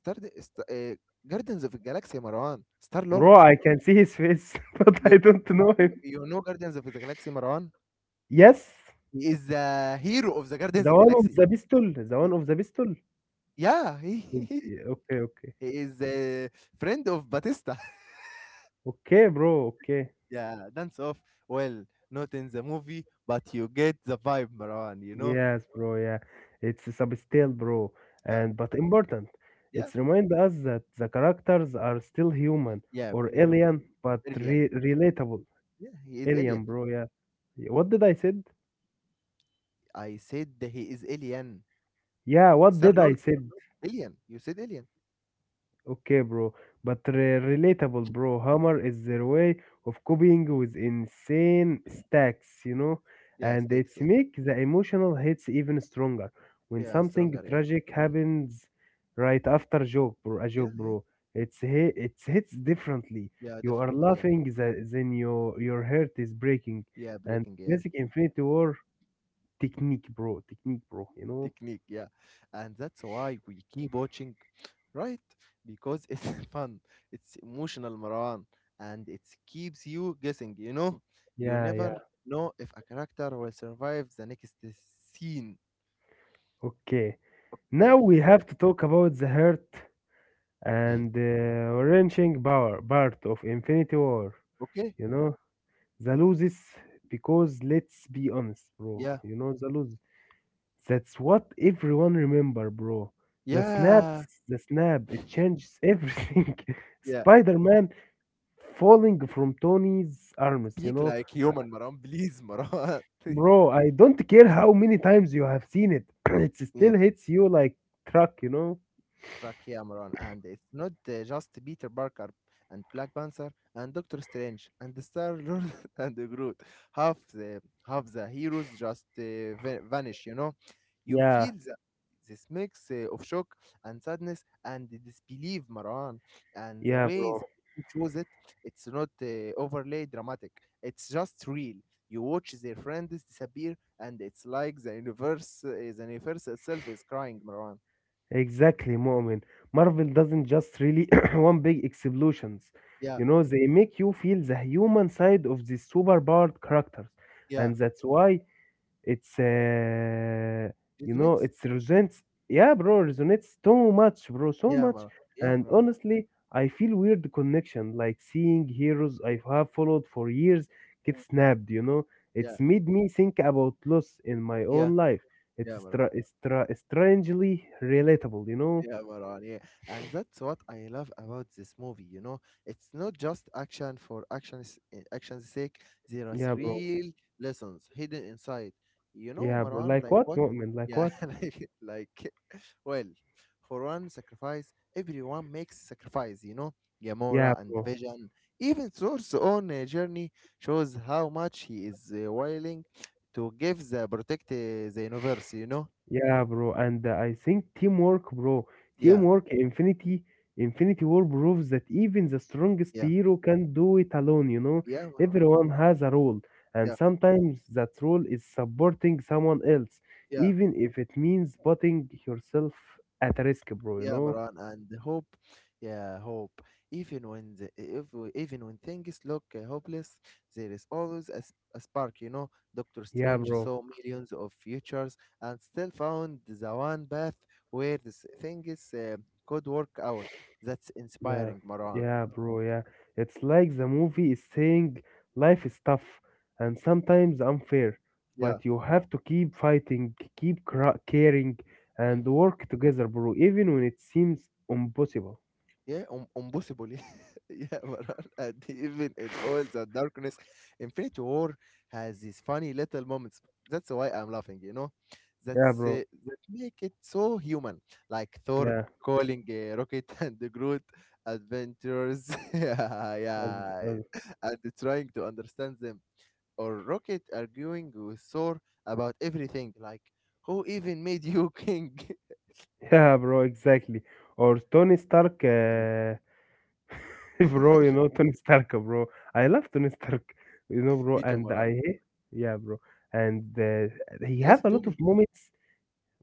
Speaker 1: Star St- uh, Guardians of the Galaxy, Marwan. Star
Speaker 2: Bro,
Speaker 1: Lord's.
Speaker 2: I can see his face, but
Speaker 1: You,
Speaker 2: I don't know
Speaker 1: you
Speaker 2: him.
Speaker 1: you know Guardians of the Galaxy, Marwan?
Speaker 2: Yes,
Speaker 1: He is the hero of the Guardians
Speaker 2: the
Speaker 1: of
Speaker 2: one of
Speaker 1: Galaxy.
Speaker 2: the pistol, the
Speaker 1: He-
Speaker 2: one of the pistol?
Speaker 1: yeah,
Speaker 2: With okay, okay.
Speaker 1: he is a friend of Batista.
Speaker 2: Okay, bro, okay.
Speaker 1: yeah, Dance Off. Well, not in the movie, but you get the vibe, Marwan, you know?
Speaker 2: Yes, bro, yeah. It's a subtle, bro,
Speaker 1: Yeah,
Speaker 2: and but important.
Speaker 1: yeah,
Speaker 2: It's remind us that the characters are still human
Speaker 1: yeah,
Speaker 2: or
Speaker 1: pretty human.
Speaker 2: alien, but
Speaker 1: Alien.
Speaker 2: re relatable.
Speaker 1: Yeah, he is
Speaker 2: Alien,
Speaker 1: alien.
Speaker 2: bro, yeah. What did I said?
Speaker 1: I said that he is alien.
Speaker 2: Yeah, what
Speaker 1: Star
Speaker 2: did I
Speaker 1: Lord,
Speaker 2: said?
Speaker 1: alien. You said alien.
Speaker 2: Okay, bro. But relatable, bro. Hammer is their way of copying with insane stacks, you know?
Speaker 1: Yeah,
Speaker 2: And
Speaker 1: stakes,
Speaker 2: it's
Speaker 1: yeah.
Speaker 2: make the emotional hits even stronger. When
Speaker 1: Yeah,
Speaker 2: something
Speaker 1: stronger, yeah.
Speaker 2: tragic happens right after joke, bro, a joke,
Speaker 1: Yeah, yeah.
Speaker 2: bro. It hits differently.
Speaker 1: Yeah,
Speaker 2: You are
Speaker 1: definitely, yeah.
Speaker 2: laughing, then your heart is breaking.
Speaker 1: Yeah,
Speaker 2: And
Speaker 1: breaking, yeah.
Speaker 2: basic Infinity War technique, bro. Technique, bro. You know?
Speaker 1: Technique, yeah. And that's why we keep watching, right? Because it's fun. It's emotional, Marwan. And it keeps you guessing, you know? You
Speaker 2: Yeah, yeah.
Speaker 1: never know if a character will survive the next scene.
Speaker 2: Okay. Now
Speaker 1: Day.
Speaker 2: we have to talk about the hurt and the wrenching power part of Infinity War.
Speaker 1: Okay?
Speaker 2: You know, the loses because let's be honest, bro.
Speaker 1: Yeah.
Speaker 2: You know, the lose. That's what everyone remember, bro. The
Speaker 1: Yeah.
Speaker 2: snaps, the snap, it changes everything.
Speaker 1: Yeah.
Speaker 2: Spider-Man falling from Tony's arms, you
Speaker 1: Speak
Speaker 2: know.
Speaker 1: like
Speaker 2: Uh,
Speaker 1: human, Marwan. Please, Marwan.
Speaker 2: Bro, I don't care how many times you have seen it. It
Speaker 1: yeah.
Speaker 2: still hits you like truck, you know?
Speaker 1: Jack Cameron, and it's not just Peter Parker and Black Panther and Doctor Strange and the Star Lord and the Groot. Half the half the heroes just vanish. You know, you
Speaker 2: Yeah,
Speaker 1: feel the, this mix of shock and sadness and disbelief, Marwan, and the
Speaker 2: yeah,
Speaker 1: way
Speaker 2: bro.
Speaker 1: that he shows it. It's not overly dramatic. It's just real. You watch their friends disappear, and it's like the universe itself is crying, Marwan.
Speaker 2: Exactly, Mu'min. Marvel doesn't just really one big explosions.
Speaker 1: Yeah,
Speaker 2: You know, they make you feel the human side of these superpowered characters.
Speaker 1: yeah.
Speaker 2: And that's why it's, uh, you
Speaker 1: Isn't
Speaker 2: know,
Speaker 1: it?
Speaker 2: it's resonates. Yeah, bro, resonates so much, bro, so
Speaker 1: Yeah,
Speaker 2: much.
Speaker 1: Marwa. Yeah,
Speaker 2: And
Speaker 1: Marwa.
Speaker 2: honestly, I feel weird connection, like seeing heroes I have followed for years get
Speaker 1: Yeah.
Speaker 2: snapped. You know,
Speaker 1: Yeah,
Speaker 2: it's made me think about loss in my
Speaker 1: yeah,
Speaker 2: own life.
Speaker 1: yeah,
Speaker 2: It's
Speaker 1: Marwa.
Speaker 2: stra- it's stra- strangely relatable. You know?
Speaker 1: Yeah, Maran, yeah. And that's what I love about this movie, you know. It's not just action for action's sake. There are
Speaker 2: Yeah, bro.
Speaker 1: real lessons hidden inside. You know,
Speaker 2: Yeah, bro.
Speaker 1: Maran,
Speaker 2: Like
Speaker 1: like
Speaker 2: what?
Speaker 1: what?
Speaker 2: Mu'min, like
Speaker 1: Yeah,
Speaker 2: what?
Speaker 1: like, well, for one, sacrifice, everyone makes sacrifice, you know.
Speaker 2: Yeah,
Speaker 1: Gamora and
Speaker 2: bro.
Speaker 1: Vision, even Thor's own journey shows how much he is willing to give the protect the universe, you know.
Speaker 2: Yeah, bro, and I think teamwork, bro,
Speaker 1: Yeah,
Speaker 2: teamwork, Infinity War proves that even the strongest
Speaker 1: yeah,
Speaker 2: hero can do it alone, you know?
Speaker 1: yeah, Maran,
Speaker 2: Everyone has a role, and
Speaker 1: yeah.
Speaker 2: sometimes that role is supporting someone else,
Speaker 1: Yeah.
Speaker 2: even if it means putting yourself at risk, bro, you
Speaker 1: Yeah,
Speaker 2: know?
Speaker 1: Maran, and hope. Yeah, hope. Even when the, if we- even when things look hopeless, there is always a spark. You know, Doctor
Speaker 2: Yeah,
Speaker 1: Strange
Speaker 2: bro.
Speaker 1: saw millions of futures and still found the one path where this things could work out. That's
Speaker 2: Yeah,
Speaker 1: inspiring, Maran.
Speaker 2: yeah, bro, yeah. It's like the movie is saying life is tough and sometimes unfair,
Speaker 1: Yeah.
Speaker 2: but you have to keep fighting, keep caring, and work together, bro, even when it seems impossible.
Speaker 1: Yeah, impossible. yeah, but and even in all the darkness, Infinity War has these funny little moments. That's why I'm laughing, you know?
Speaker 2: Yeah,
Speaker 1: That's
Speaker 2: bro.
Speaker 1: that make it so human. Like Thor
Speaker 2: Yeah.
Speaker 1: calling Rocket and the Groot adventurers. yeah,
Speaker 2: that's-
Speaker 1: yeah.
Speaker 2: that's-
Speaker 1: And trying to understand them. Or Rocket arguing with Thor about everything. Like, who even made you king?
Speaker 2: Yeah, bro, exactly. Or Tony Stark, bro, you know Tony Stark, bro. I love Tony Stark, you know, bro,
Speaker 1: Me too,
Speaker 2: and
Speaker 1: Maran.
Speaker 2: I hate, yeah, bro. And he have
Speaker 1: Classic
Speaker 2: a lot of
Speaker 1: Tony.
Speaker 2: moments.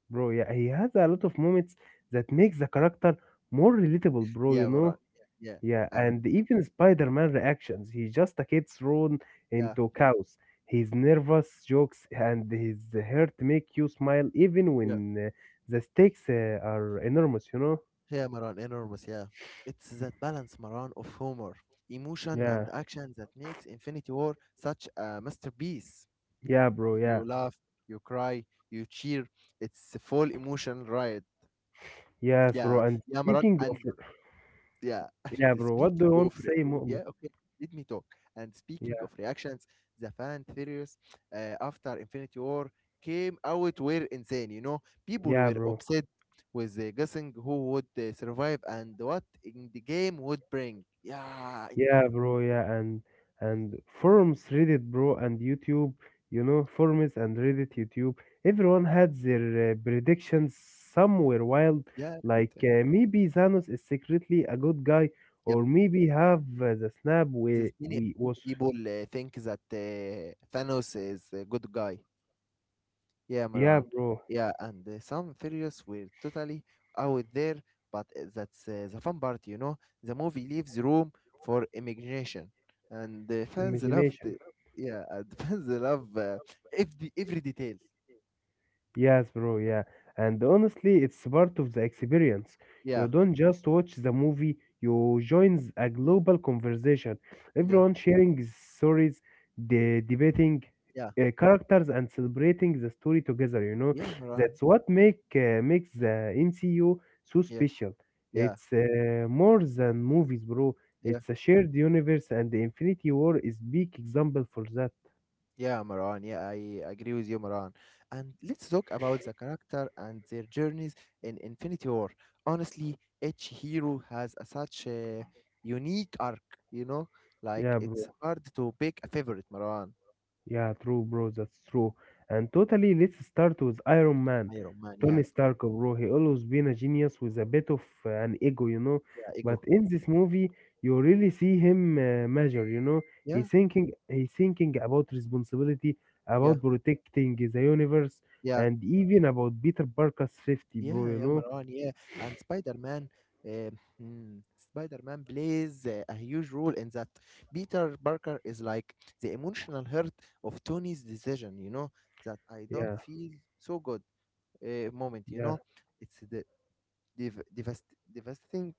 Speaker 2: Bro, yeah, he has a lot of moments that makes the character more relatable, bro, you
Speaker 1: Yeah, Maran.
Speaker 2: know?
Speaker 1: Yeah, yeah,
Speaker 2: Yeah,
Speaker 1: and
Speaker 2: and even Spider-Man reactions. He's just a kid thrown
Speaker 1: yeah,
Speaker 2: into chaos. His nervous jokes and his hurt make you smile even when
Speaker 1: yeah,
Speaker 2: the stakes are enormous, you know?
Speaker 1: yeah, Maran, enormous. Yeah, it's that balance, Maran, of humor, emotion, and
Speaker 2: Yeah.
Speaker 1: action that makes Infinity War such a masterpiece.
Speaker 2: Yeah, bro, yeah.
Speaker 1: You laugh, you cry, you cheer. It's a full emotion ride.
Speaker 2: Yes, bro.
Speaker 1: Yeah,
Speaker 2: And
Speaker 1: yeah, Maran,
Speaker 2: speaking of,
Speaker 1: and yeah,
Speaker 2: yeah,
Speaker 1: and
Speaker 2: bro, what do you
Speaker 1: speaking
Speaker 2: want
Speaker 1: of
Speaker 2: to
Speaker 1: re-
Speaker 2: say, Mu'min?
Speaker 1: yeah, okay, let me talk. And speaking
Speaker 2: Yeah,
Speaker 1: of reactions, the fan theories after Infinity War came out were insane. You know, people
Speaker 2: yeah,
Speaker 1: were
Speaker 2: bro.
Speaker 1: upset with guessing who would survive and what in the game would bring. Yeah, in the
Speaker 2: Yeah,
Speaker 1: game.
Speaker 2: bro. Yeah, and and forums, Reddit, bro, and YouTube. You know, forums and Reddit, YouTube. Everyone had their predictions somewhere wild. Like
Speaker 1: Yeah.
Speaker 2: maybe Thanos is secretly a good guy,
Speaker 1: Yeah.
Speaker 2: or maybe have the snap we
Speaker 1: There's many
Speaker 2: we
Speaker 1: many
Speaker 2: was.
Speaker 1: people think that Thanos is a good guy. Yeah,
Speaker 2: Yeah,
Speaker 1: Maran.
Speaker 2: bro.
Speaker 1: Yeah, and some furious were totally out there, but that's the fun part, you know. The movie leaves room for imagination, and the fans loved
Speaker 2: Imagination.
Speaker 1: it. Yeah, and fans love every detail.
Speaker 2: Yes, bro, yeah. And honestly, it's part of the experience. You
Speaker 1: Yeah,
Speaker 2: don't just watch the movie, you join a global conversation.
Speaker 1: yeah,
Speaker 2: Everyone sharing stories, debating
Speaker 1: yeah,
Speaker 2: characters, and celebrating the story together, you know?
Speaker 1: yeah, Maran.
Speaker 2: That's what make makes the MCU so
Speaker 1: Yeah,
Speaker 2: special. It's more than movies, bro.
Speaker 1: yeah.
Speaker 2: It's a shared universe, and the Infinity War is big example for that.
Speaker 1: Yeah, Maran. Yeah, I agree with you, Maran. And let's talk about the character and their journeys in Infinity War. Honestly, each hero has a such a unique arc, you know? Like,
Speaker 2: Yeah,
Speaker 1: it's
Speaker 2: bro.
Speaker 1: hard to pick a favorite, Maran.
Speaker 2: Yeah, true, bro. That's true. And totally, let's start with Iron Man,
Speaker 1: Iron Man, yeah.
Speaker 2: Tony Stark, bro. He always been a genius with a bit of an ego, you know.
Speaker 1: Yeah,
Speaker 2: But
Speaker 1: ego.
Speaker 2: in this movie, you really see him measure, you know.
Speaker 1: Yeah,
Speaker 2: He's thinking about responsibility,
Speaker 1: yeah,
Speaker 2: about protecting the universe,
Speaker 1: yeah.
Speaker 2: and even about Peter Parker's safety, bro.
Speaker 1: Yeah,
Speaker 2: You
Speaker 1: yeah,
Speaker 2: know.
Speaker 1: Maran, yeah. And Spider-Man, uh, hmm, Spider-Man plays a huge role in that. Peter Parker is like the emotional hurt of Tony's decision, you know, that I don't
Speaker 2: Yeah,
Speaker 1: feel so good moment, you
Speaker 2: yeah,
Speaker 1: know. It's the dev devast devastating,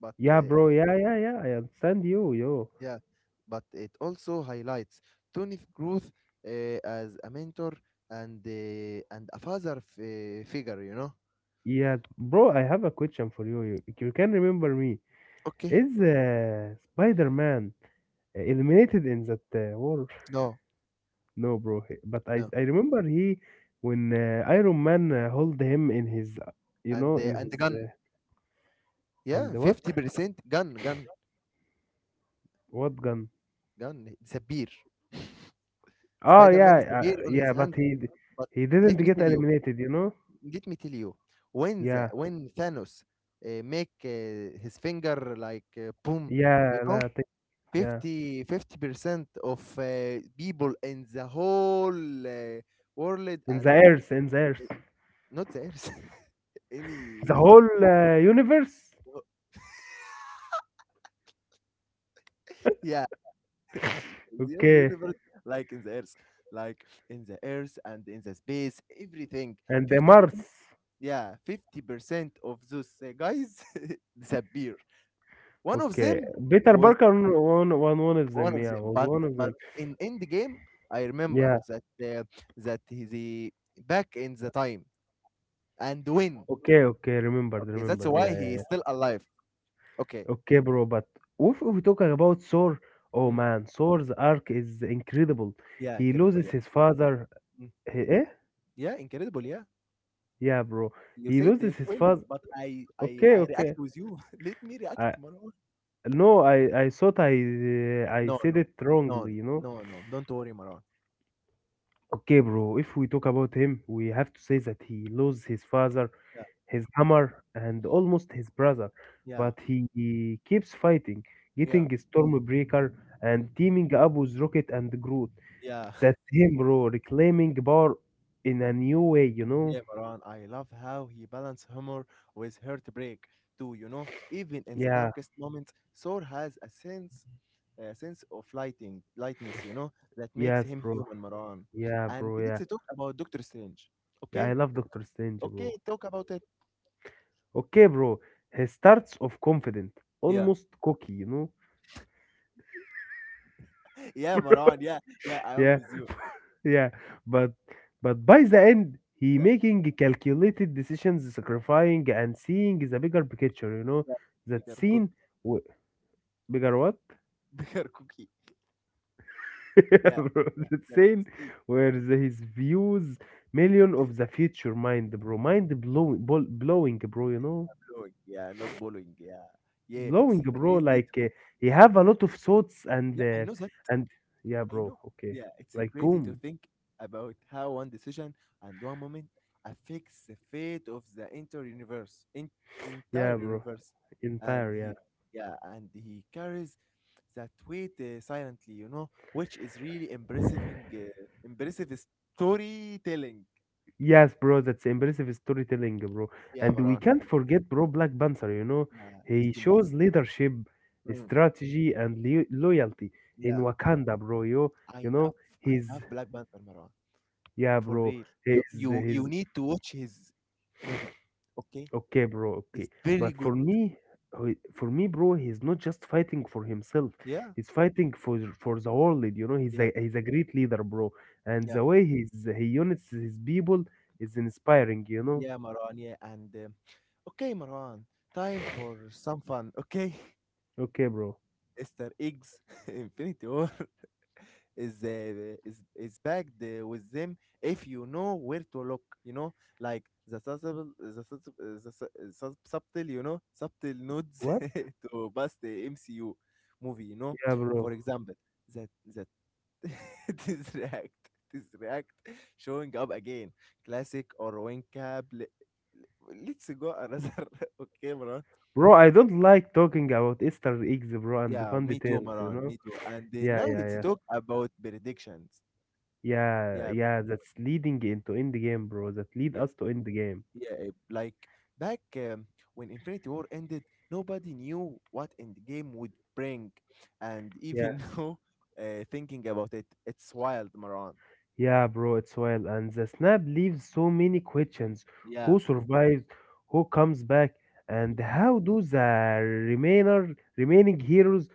Speaker 1: but uh,
Speaker 2: yeah,
Speaker 1: it
Speaker 2: bro. Yeah, yeah, yeah. I understand you, yo.
Speaker 1: Yeah, but it also highlights Tony's growth as a mentor and and a father figure, you know.
Speaker 2: Yeah, bro. I have a question for you. You can remember me.
Speaker 1: Okay.
Speaker 2: Is Spider-Man eliminated in that war?
Speaker 1: No,
Speaker 2: No, bro. But I
Speaker 1: no.
Speaker 2: I remember he when Iron Man hold him in his, you know, in
Speaker 1: And the
Speaker 2: his
Speaker 1: gun.
Speaker 2: and
Speaker 1: Yeah,
Speaker 2: what
Speaker 1: 50% gun, gun,
Speaker 2: gun?
Speaker 1: gun. It's
Speaker 2: Oh
Speaker 1: Spider-Man
Speaker 2: yeah,
Speaker 1: disappear on his
Speaker 2: yeah. But
Speaker 1: hand. But
Speaker 2: he didn't
Speaker 1: let me
Speaker 2: get
Speaker 1: tell you,
Speaker 2: eliminated, you know.
Speaker 1: let me tell you, when
Speaker 2: Yeah,
Speaker 1: when Thanos make his finger like boom,
Speaker 2: yeah,
Speaker 1: you know,
Speaker 2: Yeah.
Speaker 1: 50% of people in the whole world and
Speaker 2: In the Earth,
Speaker 1: not the Earth,
Speaker 2: the
Speaker 1: any,
Speaker 2: whole universe.
Speaker 1: yeah. The only
Speaker 2: Okay,
Speaker 1: universe like in the earth, like in the earth and in the space, everything.
Speaker 2: and the Mars.
Speaker 1: 50% yeah, 50% of those guys disappear. One of
Speaker 2: Okay,
Speaker 1: them
Speaker 2: Peter
Speaker 1: was
Speaker 2: Parker on one of
Speaker 1: one
Speaker 2: them.
Speaker 1: of
Speaker 2: Yeah,
Speaker 1: them,
Speaker 2: was one of them.
Speaker 1: but in end game I remember
Speaker 2: Yeah.
Speaker 1: that that he the back in the time and win.
Speaker 2: Okay, okay, remembered,
Speaker 1: Okay, that's
Speaker 2: remembered. Yeah,
Speaker 1: why he
Speaker 2: yeah.
Speaker 1: is
Speaker 2: Yeah.
Speaker 1: still alive. Okay.
Speaker 2: Okay, bro, but if we're talking about Thor, oh
Speaker 1: Mm,
Speaker 2: man, Thor's arc is incredible.
Speaker 1: yeah,
Speaker 2: He
Speaker 1: incredible,
Speaker 2: loses
Speaker 1: yeah.
Speaker 2: his father.
Speaker 1: Mm,
Speaker 2: Eh?
Speaker 1: yeah, incredible, yeah.
Speaker 2: Yeah, bro.
Speaker 1: You
Speaker 2: He
Speaker 1: said
Speaker 2: loses
Speaker 1: they
Speaker 2: his
Speaker 1: will,
Speaker 2: father.
Speaker 1: but i i
Speaker 2: Okay,
Speaker 1: i react
Speaker 2: okay.
Speaker 1: with you. Let me react,
Speaker 2: I
Speaker 1: man.
Speaker 2: no, I thought I
Speaker 1: No,
Speaker 2: said
Speaker 1: no,
Speaker 2: it
Speaker 1: no,
Speaker 2: wrongly,
Speaker 1: no,
Speaker 2: you know.
Speaker 1: no, no. Don't worry, Maran.
Speaker 2: Okay, bro. If we talk about him, we have to say that he loses his father,
Speaker 1: Yeah,
Speaker 2: his hammer, and almost his brother,
Speaker 1: yeah,
Speaker 2: but he keeps fighting,
Speaker 1: yeah,
Speaker 2: getting Stormbreaker
Speaker 1: mm,
Speaker 2: and teaming up with Rocket and Groot.
Speaker 1: yeah,
Speaker 2: That's him, bro, reclaiming power in a new way, you know?
Speaker 1: yeah, Maran. I love how he balanced humor with heartbreak too. You know, even in the
Speaker 2: Yeah,
Speaker 1: darkest moments, Thor has a sense of lighting, lightness. You know, that makes
Speaker 2: yes,
Speaker 1: him
Speaker 2: bro.
Speaker 1: human, Maran.
Speaker 2: Yeah,
Speaker 1: And
Speaker 2: bro, yeah.
Speaker 1: let's talk about Doctor Strange.
Speaker 2: Yeah, I
Speaker 1: Okay,
Speaker 2: love Doctor Strange,
Speaker 1: okay,
Speaker 2: bro.
Speaker 1: talk about it.
Speaker 2: Okay, bro. He starts off confident,
Speaker 1: Yeah,
Speaker 2: almost cocky, you know?
Speaker 1: yeah, Maran. Yeah, yeah, I'm
Speaker 2: Yeah,
Speaker 1: with you.
Speaker 2: yeah, but but by the end, he
Speaker 1: Yeah,
Speaker 2: making calculated decisions, sacrificing and seeing the bigger picture. You know
Speaker 1: yeah.
Speaker 2: that
Speaker 1: Bigger
Speaker 2: scene,
Speaker 1: cookie,
Speaker 2: w- bigger what?
Speaker 1: bigger cookie. Yeah,
Speaker 2: Bro, that
Speaker 1: that's
Speaker 2: scene
Speaker 1: it.
Speaker 2: where the, his views million of the future mind, bro, mind blowing, blowing, bro. You know,
Speaker 1: Blowing, yeah, not blowing, yeah. Yeah,
Speaker 2: blowing,
Speaker 1: it's
Speaker 2: bro.
Speaker 1: crazy to
Speaker 2: He have a lot of thoughts
Speaker 1: yeah, I know that.
Speaker 2: and yeah,
Speaker 1: I
Speaker 2: bro.
Speaker 1: know.
Speaker 2: Okay,
Speaker 1: Yeah, it's
Speaker 2: like
Speaker 1: crazy to
Speaker 2: boom.
Speaker 1: think about how one decision and one moment affects the fate of the entire universe. In, entire
Speaker 2: Yeah, bro.
Speaker 1: universe. And
Speaker 2: Entire,
Speaker 1: he yeah, and he carries that weight silently, you know, which is really
Speaker 2: yeah.
Speaker 1: impressive impressive storytelling.
Speaker 2: Yes, bro, that's impressive storytelling, bro.
Speaker 1: Yeah,
Speaker 2: And we
Speaker 1: Maran.
Speaker 2: can't forget, bro, Black Panther, you know,
Speaker 1: Yeah,
Speaker 2: he
Speaker 1: rest in
Speaker 2: shows
Speaker 1: peace.
Speaker 2: leadership,
Speaker 1: Mm,
Speaker 2: strategy, and loyalty in
Speaker 1: yeah.
Speaker 2: Wakanda, bro. You,
Speaker 1: I
Speaker 2: you know,
Speaker 1: love I
Speaker 2: he's,
Speaker 1: love Black Panther, Maran.
Speaker 2: yeah,
Speaker 1: For
Speaker 2: bro,
Speaker 1: real. You
Speaker 2: he's,
Speaker 1: you you
Speaker 2: he's,
Speaker 1: need to watch his movie, okay?
Speaker 2: okay, bro, okay.
Speaker 1: It's very
Speaker 2: But for
Speaker 1: good.
Speaker 2: me, for me, bro, he's not just fighting for himself,
Speaker 1: Yeah,
Speaker 2: he's fighting for the world, you know,
Speaker 1: yeah,
Speaker 2: he's a great leader, bro. And
Speaker 1: yeah,
Speaker 2: the way he's, he unites his people is inspiring, you know.
Speaker 1: yeah, Marwan. Yeah, and okay, Marwan. Time for some fun, okay?
Speaker 2: Okay, bro.
Speaker 1: Easter eggs, Infinity War is is packed with them if you know where to look. You know, like the subtle, the subtle, the su- sub- subtle, you know, subtle nods
Speaker 2: What?
Speaker 1: to past the MCU movie. You know,
Speaker 2: Yeah,
Speaker 1: for
Speaker 2: bro.
Speaker 1: example, that the this react this react showing up again classic or win cap let's go another. Okay, Maran.
Speaker 2: Bro, I don't like talking about Easter eggs, bro, and the
Speaker 1: Yeah,
Speaker 2: fun
Speaker 1: me too,
Speaker 2: details, you
Speaker 1: Maran,
Speaker 2: know?
Speaker 1: me too. And
Speaker 2: Yeah,
Speaker 1: now
Speaker 2: yeah,
Speaker 1: let's
Speaker 2: yeah.
Speaker 1: talk about predictions.
Speaker 2: Yeah,
Speaker 1: Yeah,
Speaker 2: yeah, that's leading into end game, bro. That lead
Speaker 1: yeah,
Speaker 2: us to end game.
Speaker 1: yeah, like back when Infinity War ended, nobody knew what Endgame would bring. And
Speaker 2: Yeah,
Speaker 1: even now thinking about it, it's wild, Maran.
Speaker 2: yeah, bro, it's well. And the snap leaves so many questions.
Speaker 1: Yeah.
Speaker 2: Who survives? Who comes back?
Speaker 1: Mm,
Speaker 2: And how do the remainder remaining heroes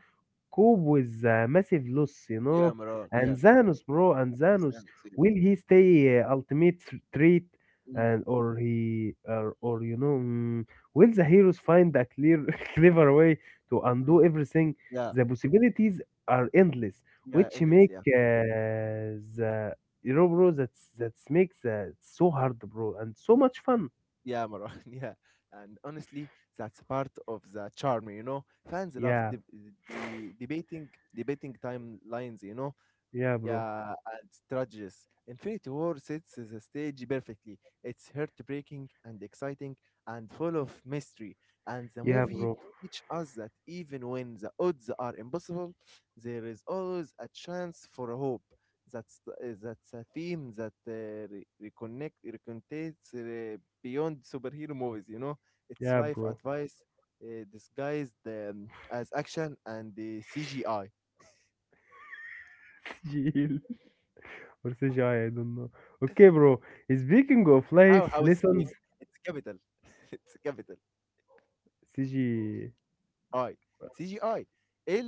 Speaker 2: cope with a massive loss, you
Speaker 1: yeah,
Speaker 2: know.
Speaker 1: Maran,
Speaker 2: And
Speaker 1: yeah.
Speaker 2: Zanos, bro, and Zanos,
Speaker 1: Understand, see.
Speaker 2: will he stay ultimate threat,
Speaker 1: Mm,
Speaker 2: and or he or you know, mm, will the heroes find a clear, clever way to
Speaker 1: mm.
Speaker 2: undo everything?
Speaker 1: Yeah.
Speaker 2: The possibilities are endless,
Speaker 1: Yeah,
Speaker 2: which
Speaker 1: endless,
Speaker 2: make
Speaker 1: yeah.
Speaker 2: the you know, bro, that's makes it's so hard, bro, and so much fun.
Speaker 1: Yeah, Marwan, yeah. And honestly, that's part of the charm, you know. Fans love
Speaker 2: Yeah,
Speaker 1: the the debating debating timelines, you know.
Speaker 2: yeah, bro.
Speaker 1: Yeah, and strategies. Infinity War sets the stage perfectly. It's heartbreaking and exciting and full of mystery. And the
Speaker 2: Yeah,
Speaker 1: movie
Speaker 2: bro.
Speaker 1: teaches us that even when the odds are impossible, there is always a chance for hope. That's a theme that reconnects beyond superhero movies. You know, it's
Speaker 2: Yeah,
Speaker 1: life
Speaker 2: bro.
Speaker 1: advice disguised as action and CGI.
Speaker 2: Chill. Or CGI, I don't know. Okay, bro. Speaking of life
Speaker 1: How CGI,
Speaker 2: lessons,
Speaker 1: it's capital, it's capital
Speaker 2: CG.
Speaker 1: I. CGI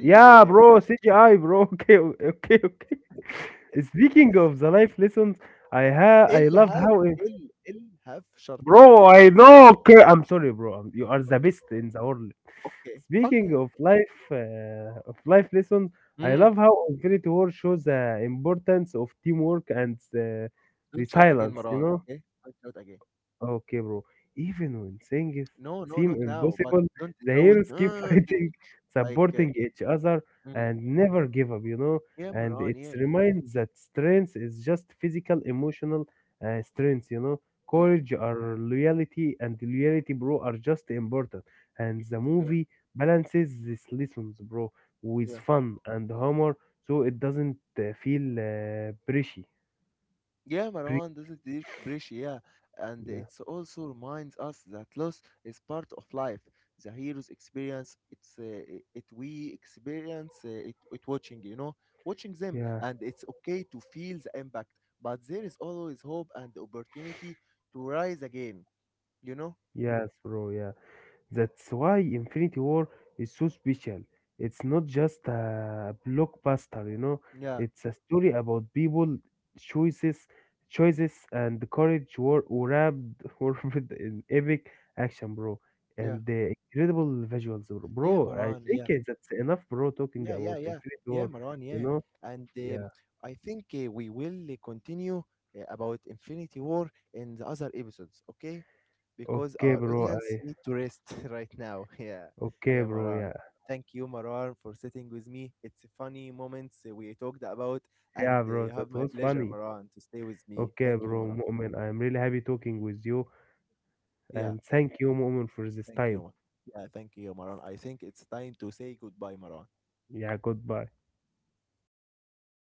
Speaker 2: Yeah, bro, CGI, bro. Okay, okay, okay. Speaking of the life lessons, I love
Speaker 1: الهاب
Speaker 2: how
Speaker 1: ال الهاب شرطة.
Speaker 2: bro. I know. Okay, I'm sorry, bro. I'm- You are the
Speaker 1: Okay,
Speaker 2: best in the world.
Speaker 1: okay, okay.
Speaker 2: Speaking of life lessons, I
Speaker 1: إمم.
Speaker 2: love how Infinity War shows the importance of teamwork and
Speaker 1: Don't shout again,
Speaker 2: resilience. You
Speaker 1: مروان,
Speaker 2: know.
Speaker 1: okay, don't shout again.
Speaker 2: Okay, bro. Even when things
Speaker 1: No, no,
Speaker 2: seem
Speaker 1: not now, but
Speaker 2: impossible,
Speaker 1: don't
Speaker 2: the
Speaker 1: shout
Speaker 2: heroes keep
Speaker 1: in-
Speaker 2: fighting,
Speaker 1: like
Speaker 2: supporting each other,
Speaker 1: إمم.
Speaker 2: and never give up, you know.
Speaker 1: Yeah,
Speaker 2: And
Speaker 1: مروان,
Speaker 2: it's
Speaker 1: yeah.
Speaker 2: reminds that strength is just physical, emotional strength, you know.
Speaker 1: إمم, yeah.
Speaker 2: Courage or loyalty and loyalty, bro, are just important. And the
Speaker 1: Mm,
Speaker 2: movie balances these lessons, bro, with
Speaker 1: yeah.
Speaker 2: fun and humor, so it doesn't feel preachy.
Speaker 1: Yeah,
Speaker 2: Pre-
Speaker 1: Marwan, this is deep breach, yeah. And
Speaker 2: yeah,
Speaker 1: it also reminds us that loss is part of life. The hero's experience, it's it we experience it watching, you know, watching them.
Speaker 2: yeah,
Speaker 1: And it's okay to feel the impact, but there is always hope and opportunity to rise again, you know?
Speaker 2: yes, bro, yeah. That's why Infinity War is so special. It's not just a blockbuster, you know.
Speaker 1: Yeah,
Speaker 2: It's a story about people, choices, choices, and the courage were wrapped wrapped in epic action, bro,
Speaker 1: yeah.
Speaker 2: and the incredible visuals, bro.
Speaker 1: Yeah,
Speaker 2: Bro, I
Speaker 1: Marwan,
Speaker 2: think
Speaker 1: yeah.
Speaker 2: that's enough, bro. Talking
Speaker 1: Yeah, yeah,
Speaker 2: about
Speaker 1: yeah.
Speaker 2: Infinity
Speaker 1: Yeah,
Speaker 2: War,
Speaker 1: Marwan,
Speaker 2: you
Speaker 1: yeah.
Speaker 2: know.
Speaker 1: And um,
Speaker 2: Yeah.
Speaker 1: I think we will continue about Infinity War in the other episodes, okay? Because
Speaker 2: Okay,
Speaker 1: our
Speaker 2: bro.
Speaker 1: audience
Speaker 2: I
Speaker 1: need to rest right now. Yeah,
Speaker 2: okay,
Speaker 1: yeah,
Speaker 2: bro.
Speaker 1: Maran.
Speaker 2: Yeah.
Speaker 1: Thank you, Maran, for sitting with me. It's a funny moments we talked about, and
Speaker 2: Yeah, bro.
Speaker 1: you have
Speaker 2: That
Speaker 1: my
Speaker 2: was
Speaker 1: pleasure,
Speaker 2: funny.
Speaker 1: Maran, to stay with me.
Speaker 2: Okay,
Speaker 1: Thank you,
Speaker 2: bro.
Speaker 1: Maran.
Speaker 2: Moment. I'm really happy talking with you
Speaker 1: Yeah,
Speaker 2: and thank you, Mu'min, for this
Speaker 1: thank you.
Speaker 2: time.
Speaker 1: Mar- Yeah, thank you, Maran. I think it's time to say goodbye, Maran.
Speaker 2: Yeah, goodbye.